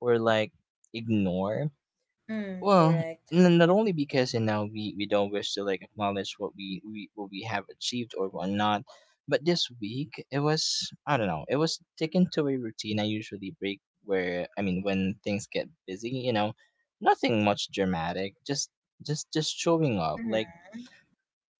Speaker 2: or like ignore.
Speaker 1: Mm,
Speaker 2: Well,
Speaker 1: correct.
Speaker 2: not only because you know we don't wish to like acknowledge what we what we have achieved or whatnot, but this week it was I don't know, it was taken to a routine I usually break where I mean when things get busy, you know, nothing much dramatic, just showing up like
Speaker 1: Mm-hmm.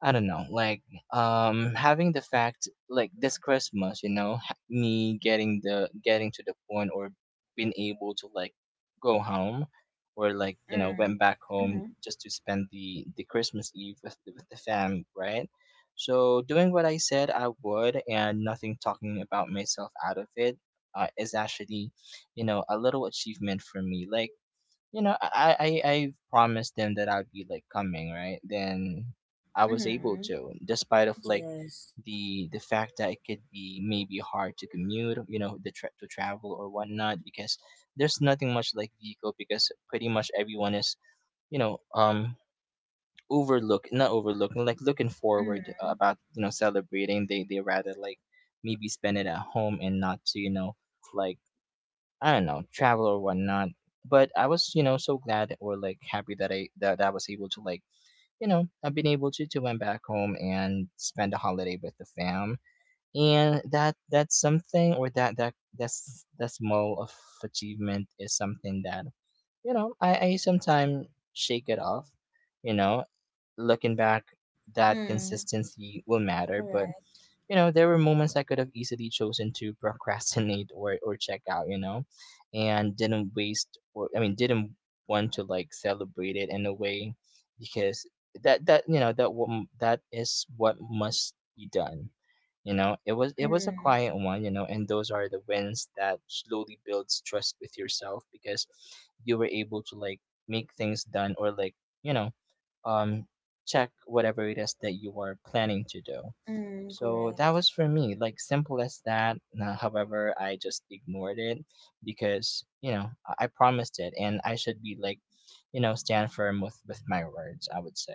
Speaker 2: I don't know, like having the fact like this Christmas, you know, me getting the getting to the point or being able to like go home or like you know
Speaker 1: Mm.
Speaker 2: went back home
Speaker 1: Mm-hmm.
Speaker 2: just to spend the Christmas Eve with the fam, right? So doing what I said I would and nothing talking about myself out of it is actually you know a little achievement for me. Like you know, I promised them that I'd be like coming, right? Then I was able
Speaker 1: Mm-hmm.
Speaker 2: to, despite of like
Speaker 1: Yes.
Speaker 2: the fact that it could be maybe hard to commute, you know, to travel or whatnot, because there's nothing much like vehicle because pretty much everyone is, you know, overlook not overlooking like looking forward
Speaker 1: Mm.
Speaker 2: about you know celebrating. They rather like maybe spend it at home and not to you know like I don't know, travel or whatnot. But I was, you know, so glad or like happy that that I was able to like, you know, I've been able to went back home and spend a holiday with the fam. And that's something or that that's that small of achievement is something that, you know, I sometimes shake it off, you know, looking back that
Speaker 1: Mm.
Speaker 2: consistency will matter, but
Speaker 1: Correct.
Speaker 2: you know, there were moments I could have easily chosen to procrastinate or check out, you know, and didn't waste or I mean didn't want to like celebrate it in a way because that that you know that what that is what must be done. You know, it was a
Speaker 1: Mm.
Speaker 2: quiet one, you know, and those are the wins that slowly builds trust with yourself because you were able to like make things done or like, you know, um check whatever it is that you are planning to do.
Speaker 1: Mm.
Speaker 2: So that
Speaker 1: Correct.
Speaker 2: was for me, like simple as that. Now, however, I just ignored it because you know I promised it, and I should be like, you know, stand firm with my words. I would say.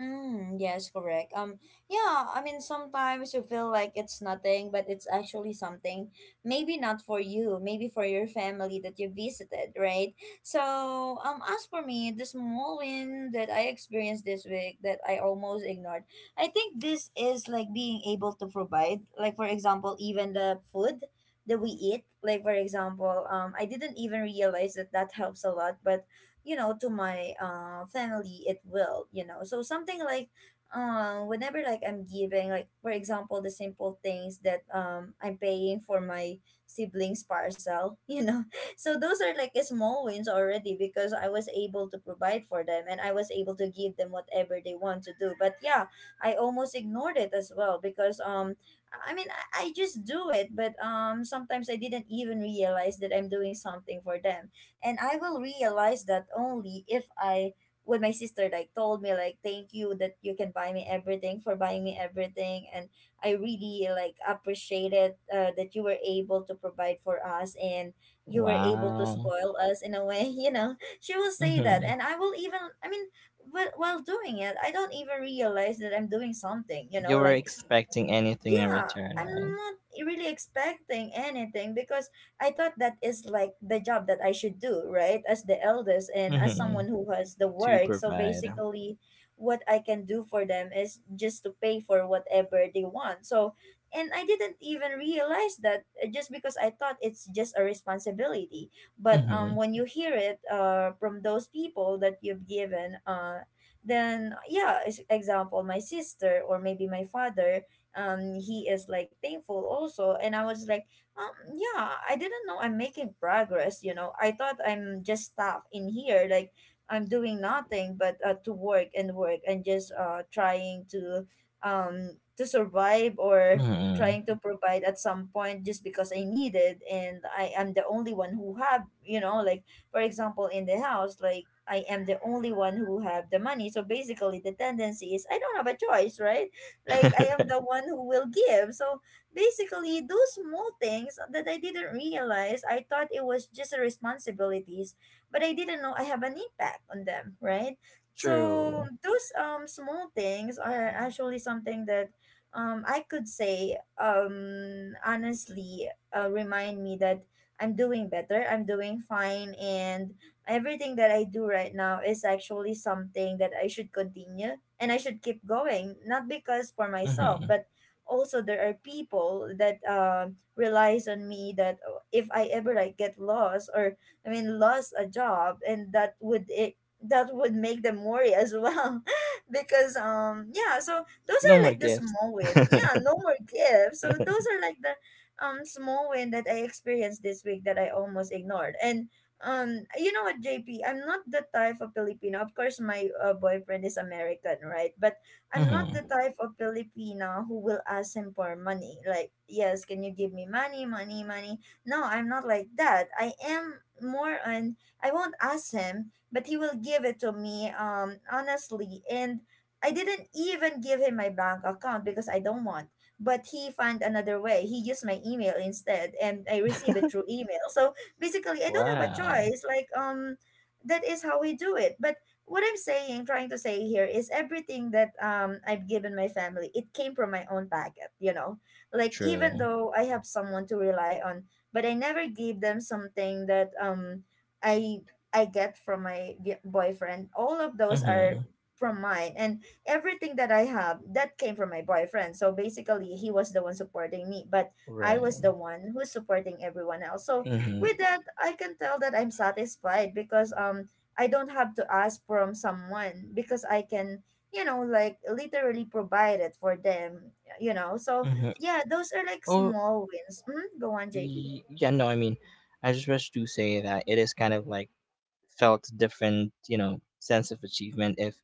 Speaker 1: Mm, yes, correct. Yeah, I mean, sometimes you feel like it's nothing, but it's actually something. Maybe not for you, maybe for your family that you visited, right? So, as for me, the small win that I experienced this week that I almost ignored, I think this is like being able to provide, like, for example, even the food that we eat. Like, for example, I didn't even realize that that helps a lot, but you know, to my family, it will, you know, so, something like, whenever, like, I'm giving, like, for example, the simple things that, I'm paying for my siblings parcel you know. So those are like small wins already, because I was able to provide for them, and I was able to give them whatever they want to do. But yeah, I almost ignored it as well because, I mean, I just do it, but, sometimes I didn't even realize that I'm doing something for them. And I will realize that only if I when my sister like told me, like, thank you that you can buy me everything, for buying me everything, and I really like appreciate it, that you were able to provide for us, and you were able to
Speaker 2: Wow.
Speaker 1: spoil us in a way, you know, she will say that.
Speaker 2: Mm-hmm.
Speaker 1: And I will even, I mean, while doing it, I don't even realize that I'm doing something, you know,
Speaker 2: You were
Speaker 1: like.
Speaker 2: expecting anything in
Speaker 1: Yeah, I'm
Speaker 2: return,
Speaker 1: not really expecting anything, because I thought that is like the job that I should do, right, as the eldest and
Speaker 2: right?
Speaker 1: as
Speaker 2: Mm-hmm.
Speaker 1: someone who has the
Speaker 2: To
Speaker 1: work. So
Speaker 2: provide.
Speaker 1: basically, what I can do for them is just to pay for whatever they want. So, and I didn't even realize that, just because I thought it's just a responsibility. But,
Speaker 2: Mm-hmm.
Speaker 1: when you hear it, from those people that you've given, then yeah, example, my sister, or maybe my father, he is like thankful also, and I was like, yeah, I didn't know I'm making progress. You know, I thought I'm just stuck in here, like I'm doing nothing but, to work and work, and just, trying to, to survive, or
Speaker 2: Mm-hmm.
Speaker 1: trying to provide at some point, just because I need it. And I am the only one who have, you know, like, for example, in the house, like I am the only one who have the money. So basically, the tendency is I don't have a choice, right? Like, I am the one who will give. So basically, those small things that I didn't realize, I thought it was just a responsibilities, but I didn't know I have an impact on them, right? So
Speaker 2: True.
Speaker 1: those, small things are actually something that, I could say, honestly, remind me that I'm doing better, I'm doing fine, and everything that I do right now is actually something that I should continue, and I should keep going. Not because for
Speaker 2: Mm-hmm.
Speaker 1: myself, but also there are people that, relies on me, that, oh, if I ever like get lost, or I mean, lost a job, and that would make them worry as well because, yeah, so those
Speaker 2: No
Speaker 1: are
Speaker 2: more
Speaker 1: like the
Speaker 2: gifts.
Speaker 1: small win. Yeah, no more gifts. So those are like the, small win that I experienced this week that I almost ignored. And, you know what, JP? I'm not the type of Filipino. Of course, my, boyfriend is American, right? But I'm not
Speaker 2: Mm-hmm.
Speaker 1: the type of Filipino who will ask him for money. Like, yes, can you give me money, money, money? No, I'm not like that. I am more on. I won't ask him, but he will give it to me. Honestly, and I didn't even give him my bank account, because I don't want. But he found another way. He used my email instead, and I receive it through email. So basically, I don't have a
Speaker 2: Wow.
Speaker 1: choice. Like, that is how we do it. But what I'm saying, trying to say here, is everything that, I've given my family, it came from my own pocket, you know. Like, even
Speaker 2: True.
Speaker 1: though I have someone to rely on, but I never gave them something that, I I get from my boyfriend. All of those are
Speaker 2: Mm-hmm.
Speaker 1: from mine, and everything that I have that came from my boyfriend. So basically, he was the one supporting me, but I was the
Speaker 2: Right.
Speaker 1: one who's supporting everyone else. So
Speaker 2: Mm-hmm.
Speaker 1: with that, I can tell that I'm satisfied, because, I don't have to ask from someone, because I can, you know, like, literally provide it for them, you know. So
Speaker 2: Mm-hmm.
Speaker 1: yeah, those are like
Speaker 2: Oh,
Speaker 1: small wins. Go on, JP.
Speaker 2: yeah, no, I mean, I just wish to say that it is kind of like felt different, you know, sense of achievement if,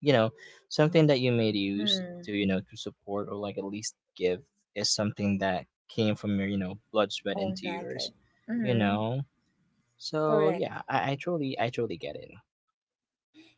Speaker 2: you know, something that you made use
Speaker 1: Hmm.
Speaker 2: to, you know, to support or like at least give is something that came from your, you know, blood, sweat, and
Speaker 1: Own packet.
Speaker 2: tears, you
Speaker 1: Mm,
Speaker 2: know? So
Speaker 1: correct.
Speaker 2: yeah, I truly get it.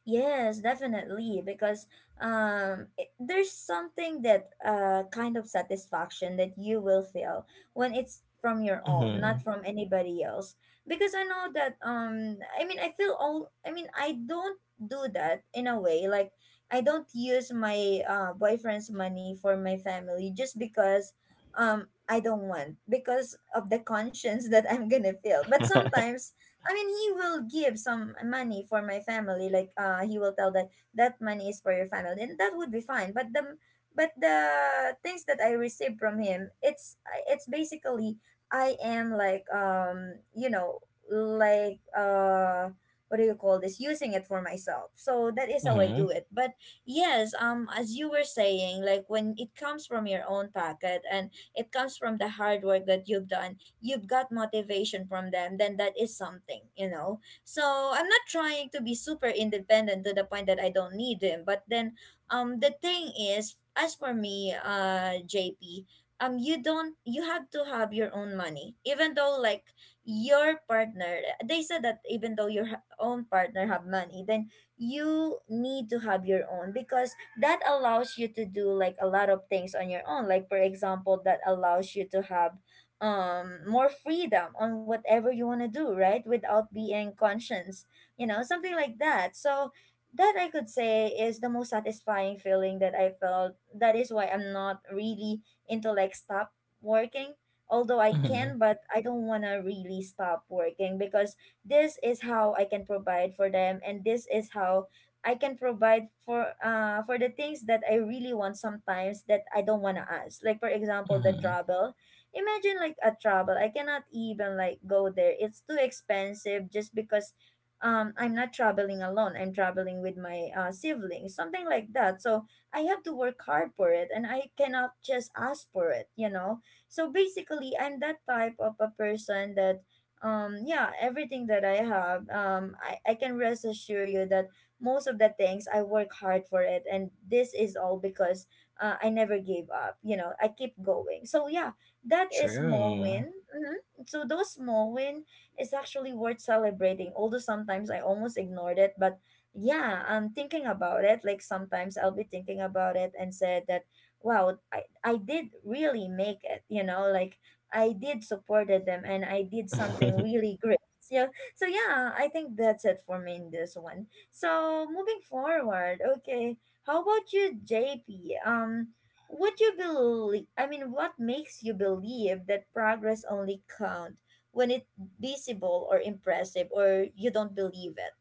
Speaker 1: Yes, definitely, because, there's something that, kind of satisfaction that you will feel when it's from your own,
Speaker 2: Mm-hmm.
Speaker 1: not from anybody else. Because I know that, I mean, I feel all. I mean, I don't do that in a way. Like, I don't use my, boyfriend's money for my family, just because, I don't want, because of the conscience that I'm gonna feel. But sometimes, I mean, he will give some money for my family. Like, he will tell that that money is for your family, and that would be fine. But the, things that I receive from him, it's basically, I am like, what do you call this, using it for myself. So that is how I
Speaker 2: Mm-hmm.
Speaker 1: do it. But yes, as you were saying, like, when it comes from your own pocket, and it comes from the hard work that you've done, you've got motivation from them, then that is something, you know. So I'm not trying to be super independent to the point that I don't need him. But then, the thing is, as for me, JP, you don't you have to have your own money. Even though, like, your partner, they said that even though your own partner have money, then you need to have your own, because that allows you to do like a lot of things on your own. Like, for example, that allows you to have, more freedom on whatever you want to do, right, without being conscious, you know, something like that. So that, I could say, is the most satisfying feeling that I felt. That is why I'm not really into like stop working. Although I
Speaker 2: Mm-hmm.
Speaker 1: can, but I don't want to really stop working, because this is how I can provide for them, and this is how I can provide for, for the things that I really want, sometimes, that I don't want to ask, like, for example, the
Speaker 2: Mm.
Speaker 1: travel. Imagine, like, a travel, I cannot even like go there. It's too expensive, just because, I'm not traveling alone, I'm traveling with my, siblings, something like that. So I have to work hard for it, and I cannot just ask for it, you know. So basically, I'm that type of a person that, yeah, everything that I have, I can rest assure you that most of the things, I work hard for it. And this is all because, I never gave up, you know, I keep going. So yeah, that is small
Speaker 2: True.
Speaker 1: win. So those small win is actually worth celebrating. Although sometimes I almost ignored it, but yeah, I'm thinking about it. Like, sometimes I'll be thinking about it, and said that, wow, I did really make it. You know, like, I did supported them, and I did something really great. So, yeah, I think that's it for me in this one. So, moving forward, okay. How about you, JP? What you believe, I mean, what makes you believe that progress only count when it visible or impressive, or you don't believe it?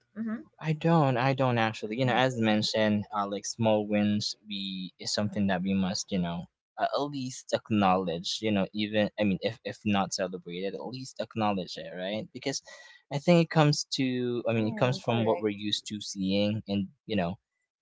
Speaker 2: I don't. I don't actually. You know, as
Speaker 1: Mm-hmm.
Speaker 2: mentioned, like small wins, we is something that we must, you know, at least acknowledge. You know, even I mean, if not celebrated, at least acknowledge it, right? Because I think it comes to. I mean, it
Speaker 1: Mm,
Speaker 2: comes from what
Speaker 1: correct.
Speaker 2: we're used to seeing, and you know,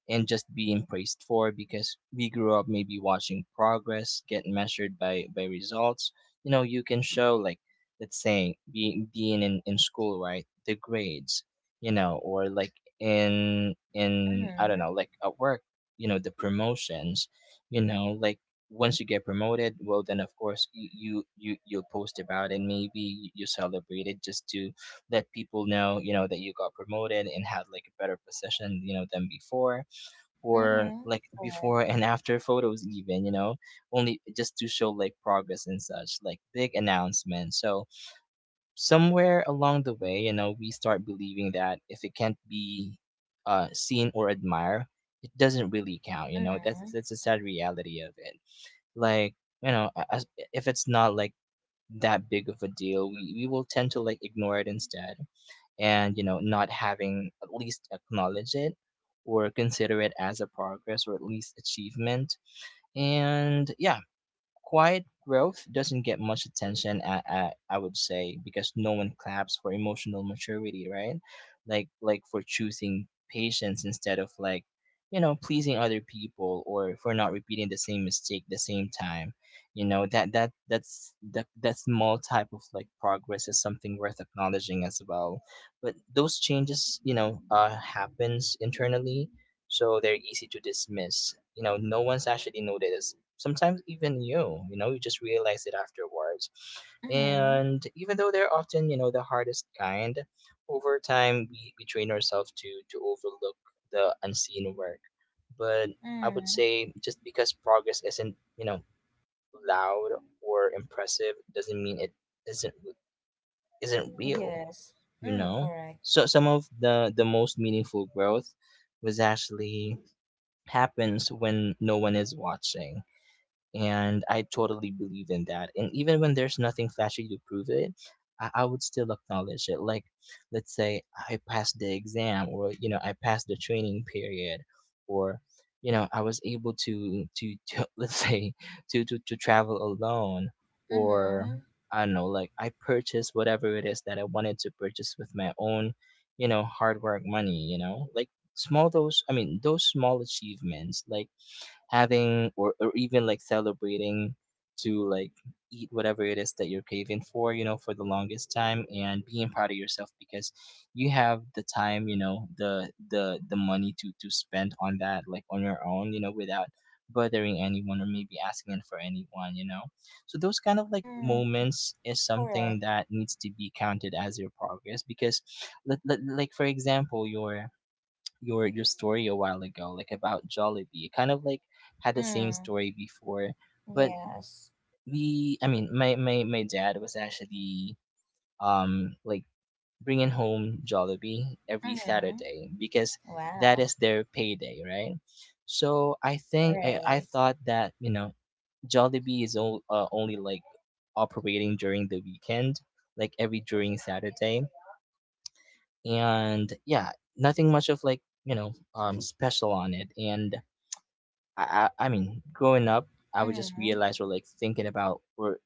Speaker 2: and just being praised for because we grew up maybe watching progress get measured by results. You know, you can show like, let's say being in school, right? The grades, you know, or like in I don't know, like at work, you know, the promotions, you know, like once you get promoted, well then of course you'll post about it. Maybe you celebrate it just to let people know, you know, that you got promoted and had like a better position, you know, than before, or
Speaker 1: Mm-hmm.
Speaker 2: like before and after photos even, you know, only just to show like progress and such like big announcements. So somewhere along the way, you know, we start believing that if it can't be seen or admired, it doesn't really count. You know, that's a sad reality of it. Like, you know, as, if it's not like that big of a deal, we will tend to like ignore it instead, and you know, not having at least acknowledge it or consider it as a progress or at least achievement. And yeah, quiet growth doesn't get much attention, I would say, because no one claps for emotional maturity, right? Like for choosing patience instead of like, you know, pleasing other people, or for not repeating the same mistake the same time. You know, that that that's that that small type of like progress is something worth acknowledging as well. But those changes, you know, happens internally, so they're easy to dismiss. You know, no one's actually noticed sometimes. Even you know, you just realize it afterwards,
Speaker 1: Mm-hmm.
Speaker 2: and even though they're often, you know, the hardest kind, over time we train ourselves to overlook the unseen work. But I would
Speaker 1: Mm.
Speaker 2: say just because progress isn't, you know, loud or impressive, doesn't mean it isn't isn't real,
Speaker 1: Yes.
Speaker 2: you
Speaker 1: Mm,
Speaker 2: know?
Speaker 1: correct.
Speaker 2: So some of the most meaningful growth was actually happens when no one is watching, and I totally believe in that. And even when there's nothing flashy to prove it, I would still acknowledge it. Like, let's say I passed the exam, or you know, I passed the training period, or you know, I was able to to let's say to, to travel alone, or
Speaker 1: Mm-hmm.
Speaker 2: I don't know, like I purchased whatever it is that I wanted to purchase with my own, you know, hard work money. You know, like small those. I mean, those small achievements, like having or even like celebrating to like eat whatever it is that you're craving for, you know, for the longest time, and being proud of yourself because you have the time, you know, the money to spend on that like on your own, you know, without bothering anyone or maybe asking it for anyone, you know. So those kind of like
Speaker 1: Mm,
Speaker 2: moments is something
Speaker 1: correct.
Speaker 2: that needs to be counted as your progress. Because like for example your your story a while ago, like about Jollibee. Kind of like had the same
Speaker 1: Mm.
Speaker 2: story before, but
Speaker 1: Yes.
Speaker 2: we, I mean, my dad was actually like bringing home Jollibee every
Speaker 1: Mm-hmm.
Speaker 2: Saturday because that
Speaker 1: Wow.
Speaker 2: is their payday, right? So I think I
Speaker 1: Right.
Speaker 2: thought that, you know, Jollibee is only like operating during the weekend, like every during Saturday, and yeah, nothing much of like, you know, special on it. And I, I mean, growing up, I would just
Speaker 1: Mm-hmm.
Speaker 2: realize we're like thinking about we're,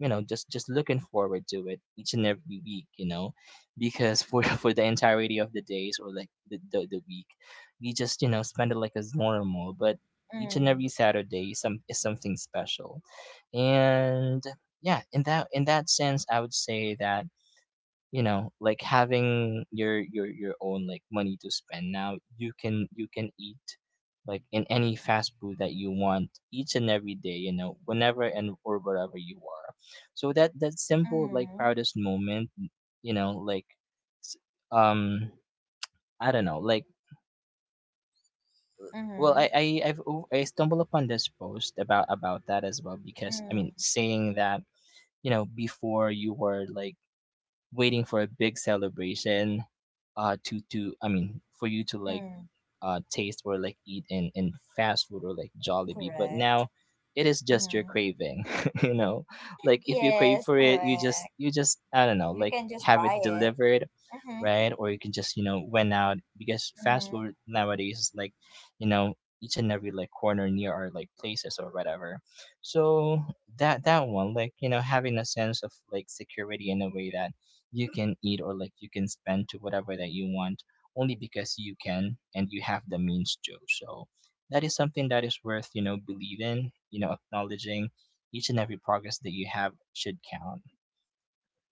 Speaker 2: you know, just looking forward to it each and every week, you know, because for for the entirety of the days or like the week, we just, you know, spend it like as normal, but each and every
Speaker 1: Mm.
Speaker 2: Saturday some is something special. And yeah, in that sense, I would say that, you know, like having your your own like money to spend now, you can eat like in any fast food that you want each and every day, you know, whenever and or wherever you are. So that that simple like
Speaker 1: Mm.
Speaker 2: proudest moment, you know, like s- um I don't know, like well
Speaker 1: Mm.
Speaker 2: I've, I stumbled upon this post about that as well, because I
Speaker 1: Mm.
Speaker 2: mean saying that, you know, before you were like waiting for a big celebration to I mean for you to like
Speaker 1: Mm.
Speaker 2: taste or like eat in fast food or like Jollibee, but
Speaker 1: Correct.
Speaker 2: now it is just your
Speaker 1: Mm-hmm.
Speaker 2: craving, you know. Like if you crave
Speaker 1: Yes,
Speaker 2: for it,
Speaker 1: correct.
Speaker 2: you just I don't know,
Speaker 1: You
Speaker 2: like
Speaker 1: can just
Speaker 2: have
Speaker 1: buy
Speaker 2: it
Speaker 1: it.
Speaker 2: delivered,
Speaker 1: Mm-hmm.
Speaker 2: right? Or you can just, you know, went out because fast
Speaker 1: Mm-hmm.
Speaker 2: food nowadays is like, you know, each and every like corner near our like places or whatever. So that that one like, you know, having a sense of like security in a way that you can eat or like you can spend to whatever that you want only because you can and you have the means to. So that is something that is worth, you know, believing, you know, acknowledging each and every progress that you have should count.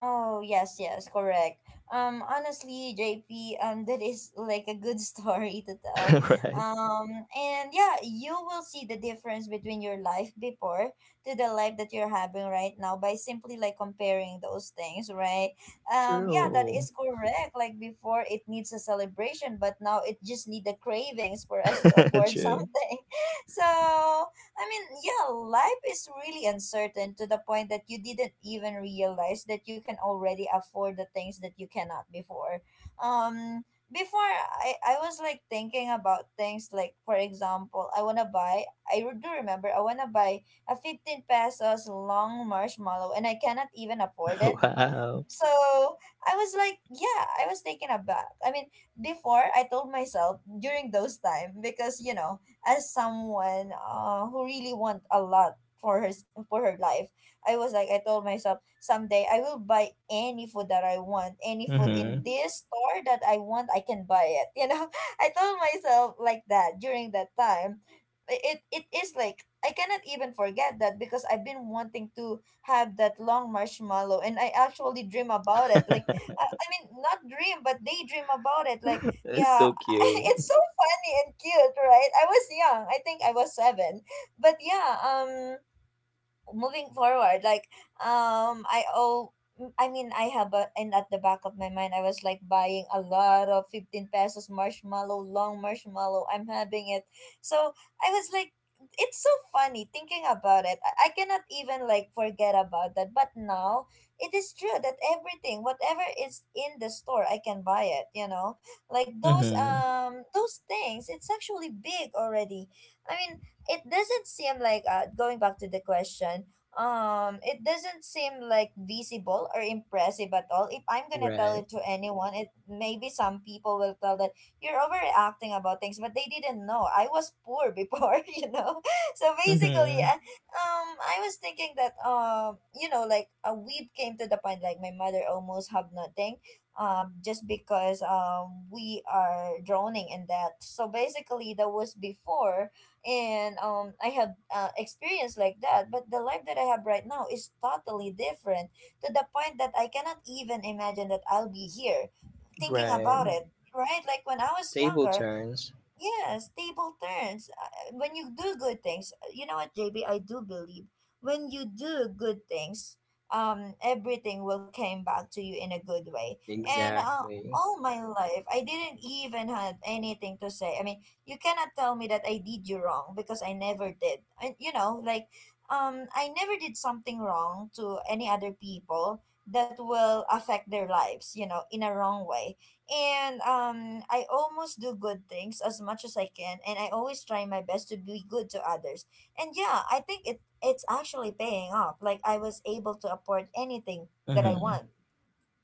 Speaker 1: Oh, yes, yes, correct. Honestly, JP, that is like a good story to tell.
Speaker 2: Right.
Speaker 1: Um, and yeah, you will see the difference between your life before to the life that you're having right now by simply like comparing those things, right? Yeah, that
Speaker 2: True.
Speaker 1: is correct. Like before, it needs a celebration, but now it just need the cravings for us to afford
Speaker 2: True.
Speaker 1: something. So I mean, yeah, life is really uncertain to the point that you didn't even realize that you can already afford the things that you cannot before. Um, before I was like thinking about things like, for example, I want to buy, do remember, I want to buy a 15 pesos long marshmallow and I cannot even afford it.
Speaker 2: Wow.
Speaker 1: So I was like, yeah, I was taken aback. I mean, before I told myself during those time because you know, as someone who really want a lot for her life, I was like, I told myself someday I will buy any food that I want, any food in
Speaker 2: Mm-hmm.
Speaker 1: this store that I want, I can buy it. You know, I told myself like that during that time. It is like I cannot even forget that because I've been wanting to have that long marshmallow and I actually dream about it. Like I mean not dream but daydream about it. Like
Speaker 2: It's
Speaker 1: yeah,
Speaker 2: so cute.
Speaker 1: it's so funny and cute, right? I was young. I think I was 7. But yeah, moving forward like I owe I mean I have and at the back of my mind I was like buying a lot of 15 pesos marshmallow long marshmallow I'm having it. So I was like, it's so funny thinking about it. I cannot even like forget about that. But now it is true that everything whatever is in the store I can buy it, you know, like
Speaker 2: Mm-hmm.
Speaker 1: those things it's actually big already. I mean, it doesn't seem like going back to the question, it doesn't seem like visible or impressive at all if I'm gonna tell
Speaker 2: Right.
Speaker 1: it to anyone. It maybe some people will tell that you're overreacting about things, but they didn't know I was poor before. You know, so basically
Speaker 2: Mm-hmm.
Speaker 1: I was thinking that you know like we came to the point like my mother almost have nothing, just because we are drowning in that. So basically that was before, and I have experience like that. But the life that I have right now is totally different to the point that I cannot even imagine that I'll be here thinking about
Speaker 2: Right.
Speaker 1: it, right? Like when I was
Speaker 2: Table
Speaker 1: younger.
Speaker 2: turns.
Speaker 1: Yes, table turns. When you do good things, you know what, JB, I do believe when you do good things, everything will come back to you in a good way. And
Speaker 2: Exactly.
Speaker 1: all my life, I didn't even had anything to say. I mean, you cannot tell me that I did you wrong because I never did. And you know, like, I never did something wrong to any other people that will affect their lives. You know, in a wrong way. And I almost do good things as much as I can and I always try my best to be good to others. And yeah, I think it's actually paying off. Like I was able to afford anything that I
Speaker 2: Mm-hmm.
Speaker 1: want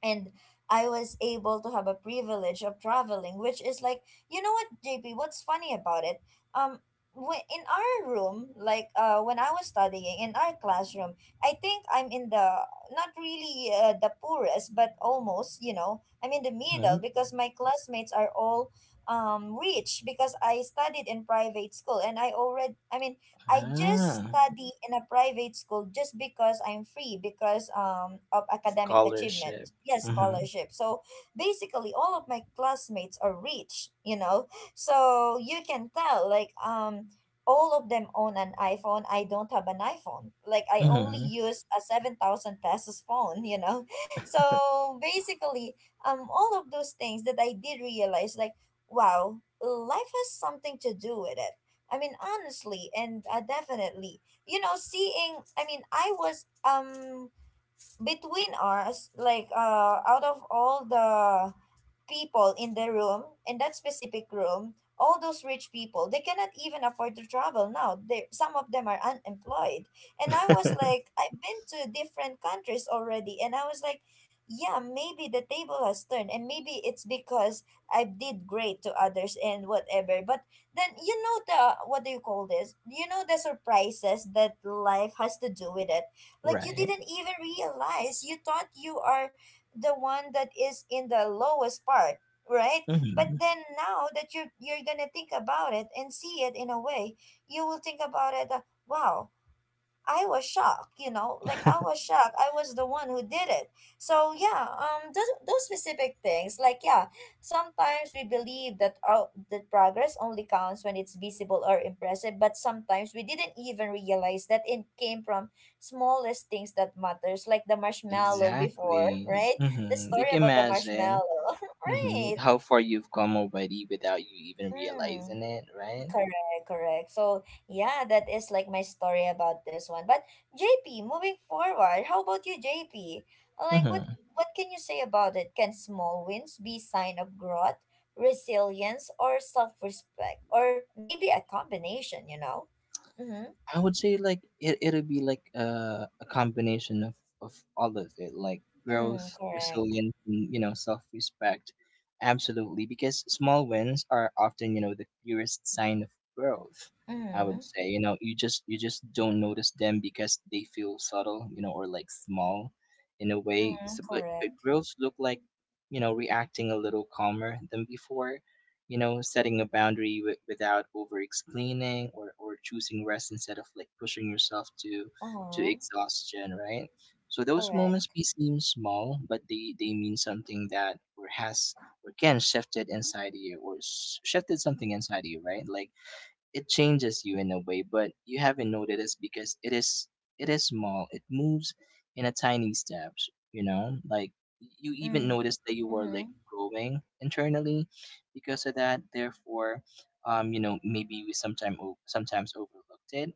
Speaker 1: and I was able to have a privilege of traveling, which is like, you know what, JP, what's funny about it? Um, in our room, like when I was studying in our classroom, I think I'm in the not really the poorest, but almost, you know, I'm in the middle
Speaker 2: Hmm.
Speaker 1: because my classmates are all rich because I studied in private school and I already, I mean, I just
Speaker 2: Ah.
Speaker 1: study in a private school just because I'm free because of academic achievement.
Speaker 2: Scholarship.
Speaker 1: Yes,
Speaker 2: Mm-hmm.
Speaker 1: scholarship. So basically all of my classmates are rich, you know. So you can tell like all of them own an iPhone. I don't have an iPhone. Like I only use a 7,000 pesos phone, you know. So basically all of those things that I did realize like wow, life has something to do with it. I mean, honestly, and definitely, you know, I was between us, like out of all the people in the room, in that specific room, all those rich people they cannot even afford to travel now. They, some of them are unemployed, and I was
Speaker 2: Mm-hmm.
Speaker 1: like I've been to different countries already. And I was like, yeah, maybe the table has turned, and maybe it's because I did great to others and whatever. But then, you know, the what do you call this, you know, the surprises that life has to do with it. Like you
Speaker 2: Right.
Speaker 1: didn't even realize you thought you are the one that is in the lowest part, right? But
Speaker 2: Mhm.
Speaker 1: then now that you're gonna think about it and see it in a way, you will think about it, wow, I was shocked, you know, like I was shocked. I was the one who did it. So yeah, those specific things, like yeah, sometimes we believe that oh, that progress only counts when it's visible or impressive, but sometimes we didn't even realize that it came from smallest things that matters, like the marshmallow before,
Speaker 2: Exactly.
Speaker 1: right? The
Speaker 2: Mhm.
Speaker 1: story
Speaker 2: Like
Speaker 1: about the
Speaker 2: imagine,
Speaker 1: marshmallow,
Speaker 2: mhm,
Speaker 1: right?
Speaker 2: how far you've come already without you even
Speaker 1: Mm.
Speaker 2: realizing it, right?
Speaker 1: Correct, correct. So yeah, that is like my story about this one. But JP, moving forward, how about you, JP? Like
Speaker 2: Mhm.
Speaker 1: what can you say about it? Can small wins be sign of growth, resilience, or self-respect? Or maybe a combination, you know? Mm-hmm.
Speaker 2: I would say like it it'll be like a combination of of all of it, like
Speaker 1: Mm,
Speaker 2: growth,
Speaker 1: correct.
Speaker 2: resilience, and you know, self respect. Absolutely, because small wins are often, you know, the purest sign of growth. I would
Speaker 1: Mm-hmm.
Speaker 2: say, you know, you just don't notice them because they feel subtle, you know, or like small, in a way. So,
Speaker 1: Mm,
Speaker 2: but
Speaker 1: correct.
Speaker 2: growth look like, you know, reacting a little calmer than before, you know, setting a boundary without over explaining, or choosing rest instead of like pushing yourself to
Speaker 1: Uh-huh.
Speaker 2: exhaustion, right? So those moments
Speaker 1: Correct.
Speaker 2: may seem small, but they mean something that or has, or can shifted inside you, or shifted something inside you, right? Like it changes you in a way, but you haven't noticed it because it is small. It moves in a tiny steps, you know? Like you even
Speaker 1: Mm,
Speaker 2: notice that you are like
Speaker 1: mm-hmm.
Speaker 2: growing internally because of that. Therefore, you know, maybe we sometime sometimes overlooked it.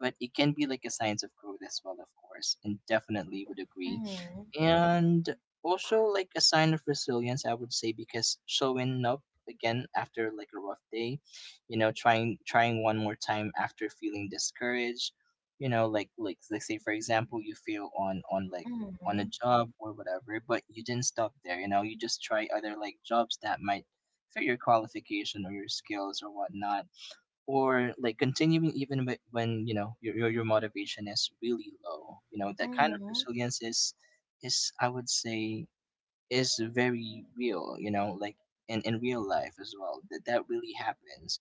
Speaker 2: But it can be like a signs of growth as well, of course, and definitely would agree,
Speaker 1: Mm-hmm.
Speaker 2: and also like a sign of resilience, I would say, because showing up again after like a rough day, you know, trying one more time after feeling discouraged, you know, like let's say for example you feel on like on
Speaker 1: Mm-hmm.
Speaker 2: a job or whatever, but you didn't stop there, you know, you just try other like jobs that might fit your qualification or your skills or whatnot, or like continuing even when you know your, your motivation is really low, you know, that kind of
Speaker 1: Mm-hmm.
Speaker 2: resilience is I would say is very real, you know, like in real life as well that that really happens.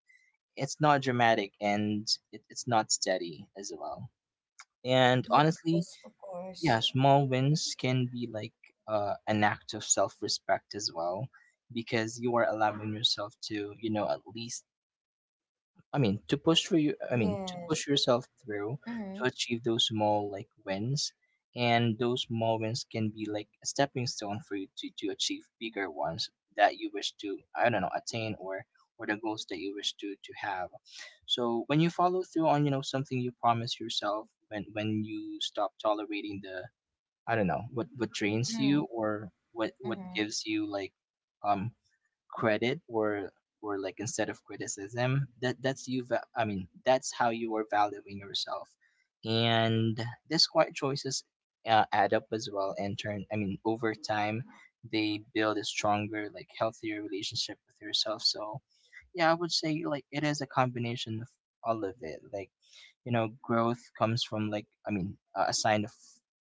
Speaker 2: It's not dramatic and it's not steady as well. And honestly,
Speaker 1: Yes, of
Speaker 2: yeah,
Speaker 1: course.
Speaker 2: small wins can be like an act of self-respect as well, because you are allowing yourself to, you know, at least I mean, to push for you, I mean, to push
Speaker 1: Yes.
Speaker 2: yourself through to
Speaker 1: Mm-hmm.
Speaker 2: achieve those small like wins, and those small wins can be like a stepping stone for you to achieve bigger ones that you wish to, I don't know, attain or the goals that you wish to have. So when you follow through on, you know, something you promise yourself, when you stop tolerating the, I don't know, what drains
Speaker 1: Mm,
Speaker 2: you or what
Speaker 1: mm,
Speaker 2: gives you like um credit or like instead of criticism, that that's you I mean, that's how you are valuing yourself. And these quiet choices, add up as well and turn, I mean, over time they build a stronger like healthier relationship with yourself. So yeah, I would say like it is a combination of all of it, like, you know, growth comes from like I mean a sign of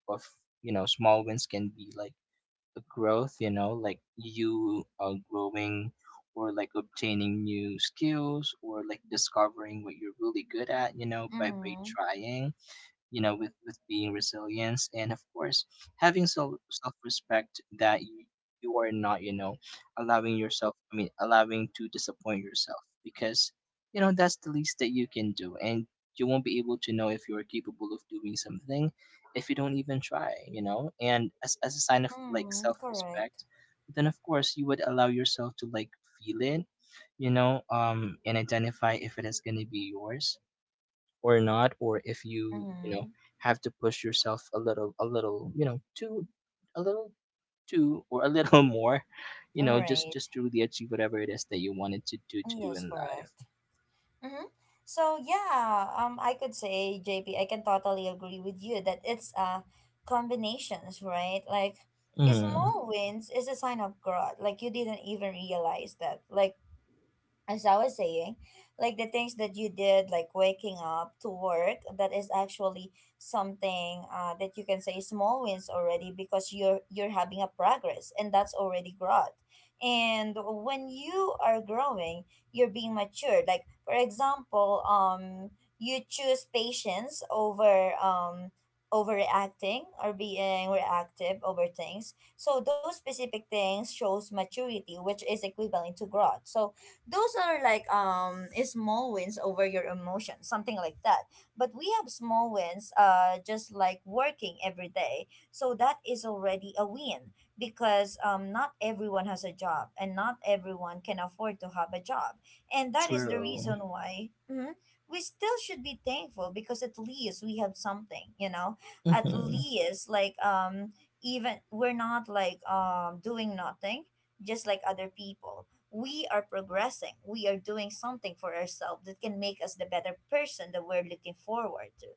Speaker 2: of you know, small wins can be like growth, you know, like you growing or like obtaining new skills or like discovering what you're really good at, you know, by
Speaker 1: mm,
Speaker 2: trying, you know, with being resilience, and of course having self self-respect, that you are not, you know, allowing yourself, I mean, allowing to disappoint yourself, because you know that's the least that you can do, and you won't be able to know if you are capable of doing something if you don't even try, you know. And as a sign of like
Speaker 1: mm, correct.
Speaker 2: self-respect, then of course you would allow yourself to like feel it, you know, and identify if it is going to be yours or not, or if you, you know,
Speaker 1: Mm,
Speaker 2: have to push yourself a little you know too, a little too, or a little more, you
Speaker 1: all
Speaker 2: know,
Speaker 1: right.
Speaker 2: just to really achieve whatever it is that you wanted to do in
Speaker 1: Yes,
Speaker 2: life.
Speaker 1: correct. Mm-hmm. So yeah, I could say, JP, I can totally agree with you that it's combinations, right? Like,
Speaker 2: Mm,
Speaker 1: small wins is a sign of growth. Like you didn't even realize that. Like as I was saying, like the things that you did, like waking up to work, that is actually something that you can say small wins already because you're having a progress and that's already growth. And when you are growing, you're being matured. Like for example, you choose patience over overreacting or being reactive over things. So those specific things shows maturity, which is equivalent to growth. So those are like small wins over your emotions, something like that. But we have small wins just like working every day, so that is already a win because not everyone has a job and not everyone can afford to have a job. And that is the
Speaker 2: true.
Speaker 1: reason why mhm, we still should be thankful because at least we have something, you know. At
Speaker 2: Mm-hmm.
Speaker 1: least like even we're not like doing nothing just like other people, we are progressing. We are doing something for ourselves that can make us the better person that we're looking forward to.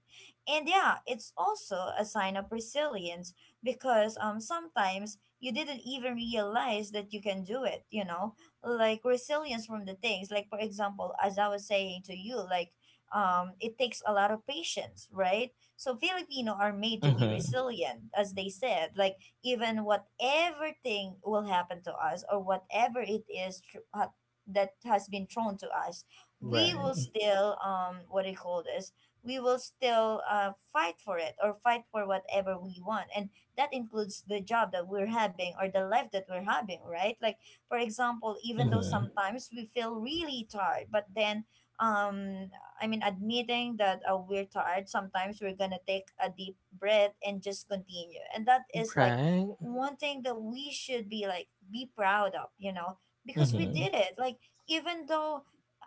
Speaker 1: And yeah, it's also a sign of resilience because sometimes you didn't even realize that you can do it, you know? Like resilience from the things. Like for example, as I was saying to you, like it takes a lot of patience, right? So Filipino are made to be
Speaker 2: Mm-hmm.
Speaker 1: resilient, as they said. Like even whatever thing will happen to us or whatever it is that has been thrown to us, we will
Speaker 2: Right.
Speaker 1: still what do you call this, we will still fight for it or fight for whatever we want. And that includes the job that we're having or the life that we're having, right? Like for example even though
Speaker 2: Mm-hmm.
Speaker 1: sometimes we feel really tired, but then um I mean, admitting that we're tired sometimes, we're gonna take a deep breath and just continue, and that is like
Speaker 2: Right.
Speaker 1: one thing that we should be like be proud of, you know, because we
Speaker 2: Mm-hmm.
Speaker 1: did it. Like even though,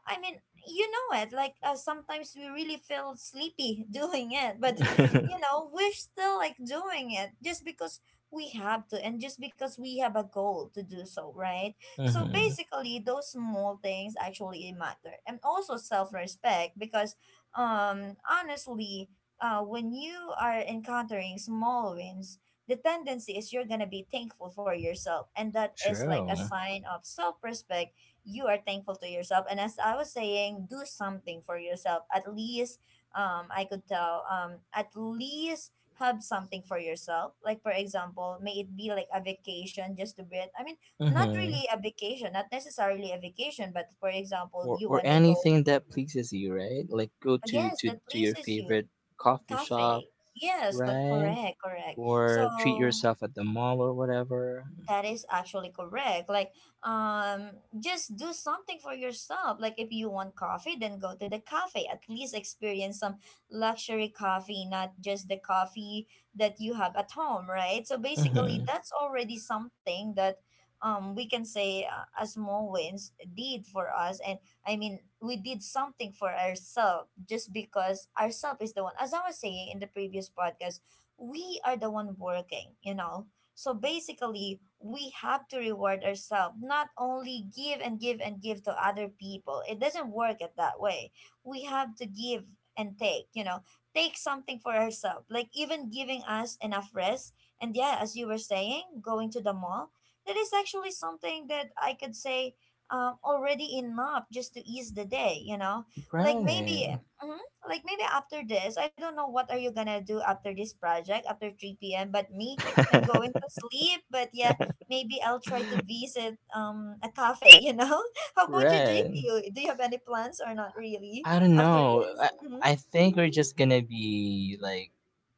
Speaker 1: I mean, you know it like sometimes we really feel sleepy doing it, but you know we're still like doing it just because we have to and just because we have a goal to do so, right? So
Speaker 2: Mm-hmm.
Speaker 1: basically those small things actually matter. And also self-respect because honestly when you are encountering small wins, the tendency is you're gonna be thankful for yourself, and that is like a
Speaker 2: True.
Speaker 1: sign of self-respect. You are thankful to yourself, and as I was saying, do something for yourself. At least I could tell at least have something for yourself, like for example may it be like a vacation just to breathe. I mean, not
Speaker 2: Mm-hmm.
Speaker 1: really a vacation, not necessarily a vacation, but for example
Speaker 2: or
Speaker 1: you
Speaker 2: or
Speaker 1: want to go.
Speaker 2: anything that pleases you, right? Like go to
Speaker 1: Yes,
Speaker 2: to
Speaker 1: that
Speaker 2: to your
Speaker 1: pleases you.
Speaker 2: favorite coffee shop.
Speaker 1: Cafe, yes,
Speaker 2: Right.
Speaker 1: correct, correct.
Speaker 2: Or treat
Speaker 1: So
Speaker 2: yourself at the mall or whatever.
Speaker 1: that is actually correct. Like, just do something for yourself. Like, if you want coffee, then go to the cafe. At least experience some luxury coffee, not just the coffee that you have at home, right? So basically,
Speaker 2: Hmm.
Speaker 1: that's already something that, we can say a small wins did for us. And I mean, we did something for ourselves just because ourself is the one. As I was saying in the previous podcast, we are the one working. You know, so basically, we have to reward ourselves, not only give and give and give to other people. It doesn't work it that way. We have to give and take, you know, take something for ourselves, like even giving us enough rest. And yeah, as you were saying, going to the mall, that is actually something that I could say already enough just to ease the day, you know? Like maybe.
Speaker 2: Right.
Speaker 1: Mhm, like maybe after this, I don't know what are you gonna do after this project after 3 p.m. But me, I'm going to sleep, but yeah, maybe I'll try to visit a cafe, you know? How about you, JP?
Speaker 2: Right.
Speaker 1: Do you have any plans or not really
Speaker 2: I don't
Speaker 1: after
Speaker 2: know.
Speaker 1: this? Mm-hmm.
Speaker 2: I think we're just gonna be like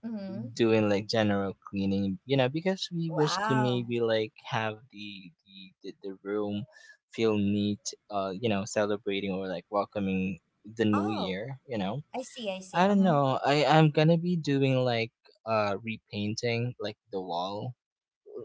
Speaker 1: Mm-hmm.
Speaker 2: doing like general cleaning, you know, because we wish to
Speaker 1: Wow.
Speaker 2: maybe like have the room feel neat, you know, celebrating or like welcoming the new
Speaker 1: Oh,
Speaker 2: year, you know.
Speaker 1: I see, I see.
Speaker 2: I don't
Speaker 1: Mm-hmm.
Speaker 2: know. I, I'm gonna be doing like repainting like the wall,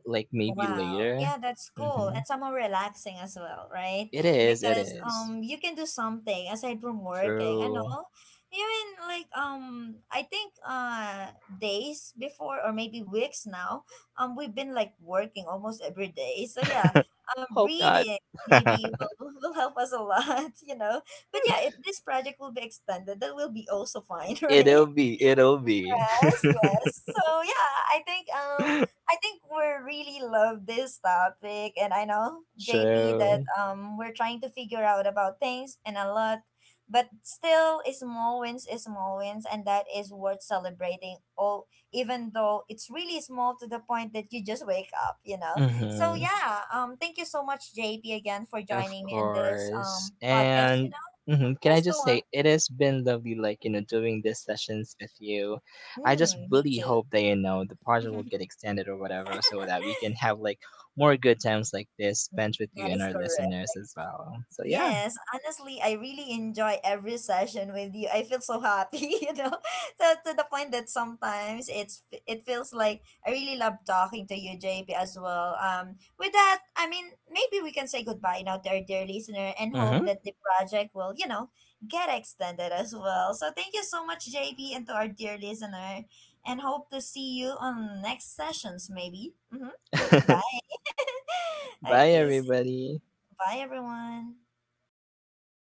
Speaker 2: like
Speaker 1: Oh,
Speaker 2: maybe
Speaker 1: wow.
Speaker 2: later.
Speaker 1: Yeah, that's cool. And
Speaker 2: Mhm.
Speaker 1: somehow relaxing as well, right?
Speaker 2: It is. It
Speaker 1: Because
Speaker 2: is
Speaker 1: you can do something aside from working. I
Speaker 2: true.
Speaker 1: know. Even like I think days before or maybe weeks now, we've been like working almost every day. So yeah,
Speaker 2: Hope not.
Speaker 1: reading maybe will will help us a lot, you know. But yeah, if this project will be extended, that will be also fine,
Speaker 2: It'll
Speaker 1: right?
Speaker 2: be. It'll be
Speaker 1: Yes, yes. So yeah, I think we really love this topic and I know JP that
Speaker 2: true.
Speaker 1: we're trying to figure out about things and a lot, but still a small wins is small wins and that is worth celebrating all, even though it's really small to the point that you just wake up, you know. So
Speaker 2: Hmm.
Speaker 1: yeah, thank you so much JP again for
Speaker 2: Of
Speaker 1: joining me in this
Speaker 2: course.
Speaker 1: podcast, you
Speaker 2: And
Speaker 1: know.
Speaker 2: mhm, can I
Speaker 1: Yes, go
Speaker 2: just
Speaker 1: on.
Speaker 2: say it has been lovely, like you know, doing these sessions with you. I just
Speaker 1: Mm, me
Speaker 2: really
Speaker 1: too.
Speaker 2: hope that you know the project will get extended or whatever, so that we can have like more good times like this spent with
Speaker 1: That
Speaker 2: you and
Speaker 1: is
Speaker 2: our
Speaker 1: correct.
Speaker 2: listeners as well. So yeah.
Speaker 1: Yes, honestly, I really enjoy every session with you. I feel so happy, you know, so to the point that sometimes it's it feels like I really love talking to you, JP, as well. With that, I mean, maybe we can say goodbye now to our dear listener and hope
Speaker 2: Mm-hmm.
Speaker 1: that the project will, you know, get extended as well. So thank you so much, JP, and to our dear listener, and hope to see you on next sessions, maybe. Mm-hmm. Bye.
Speaker 2: Bye,
Speaker 1: Okay, so
Speaker 2: everybody.
Speaker 1: bye everyone.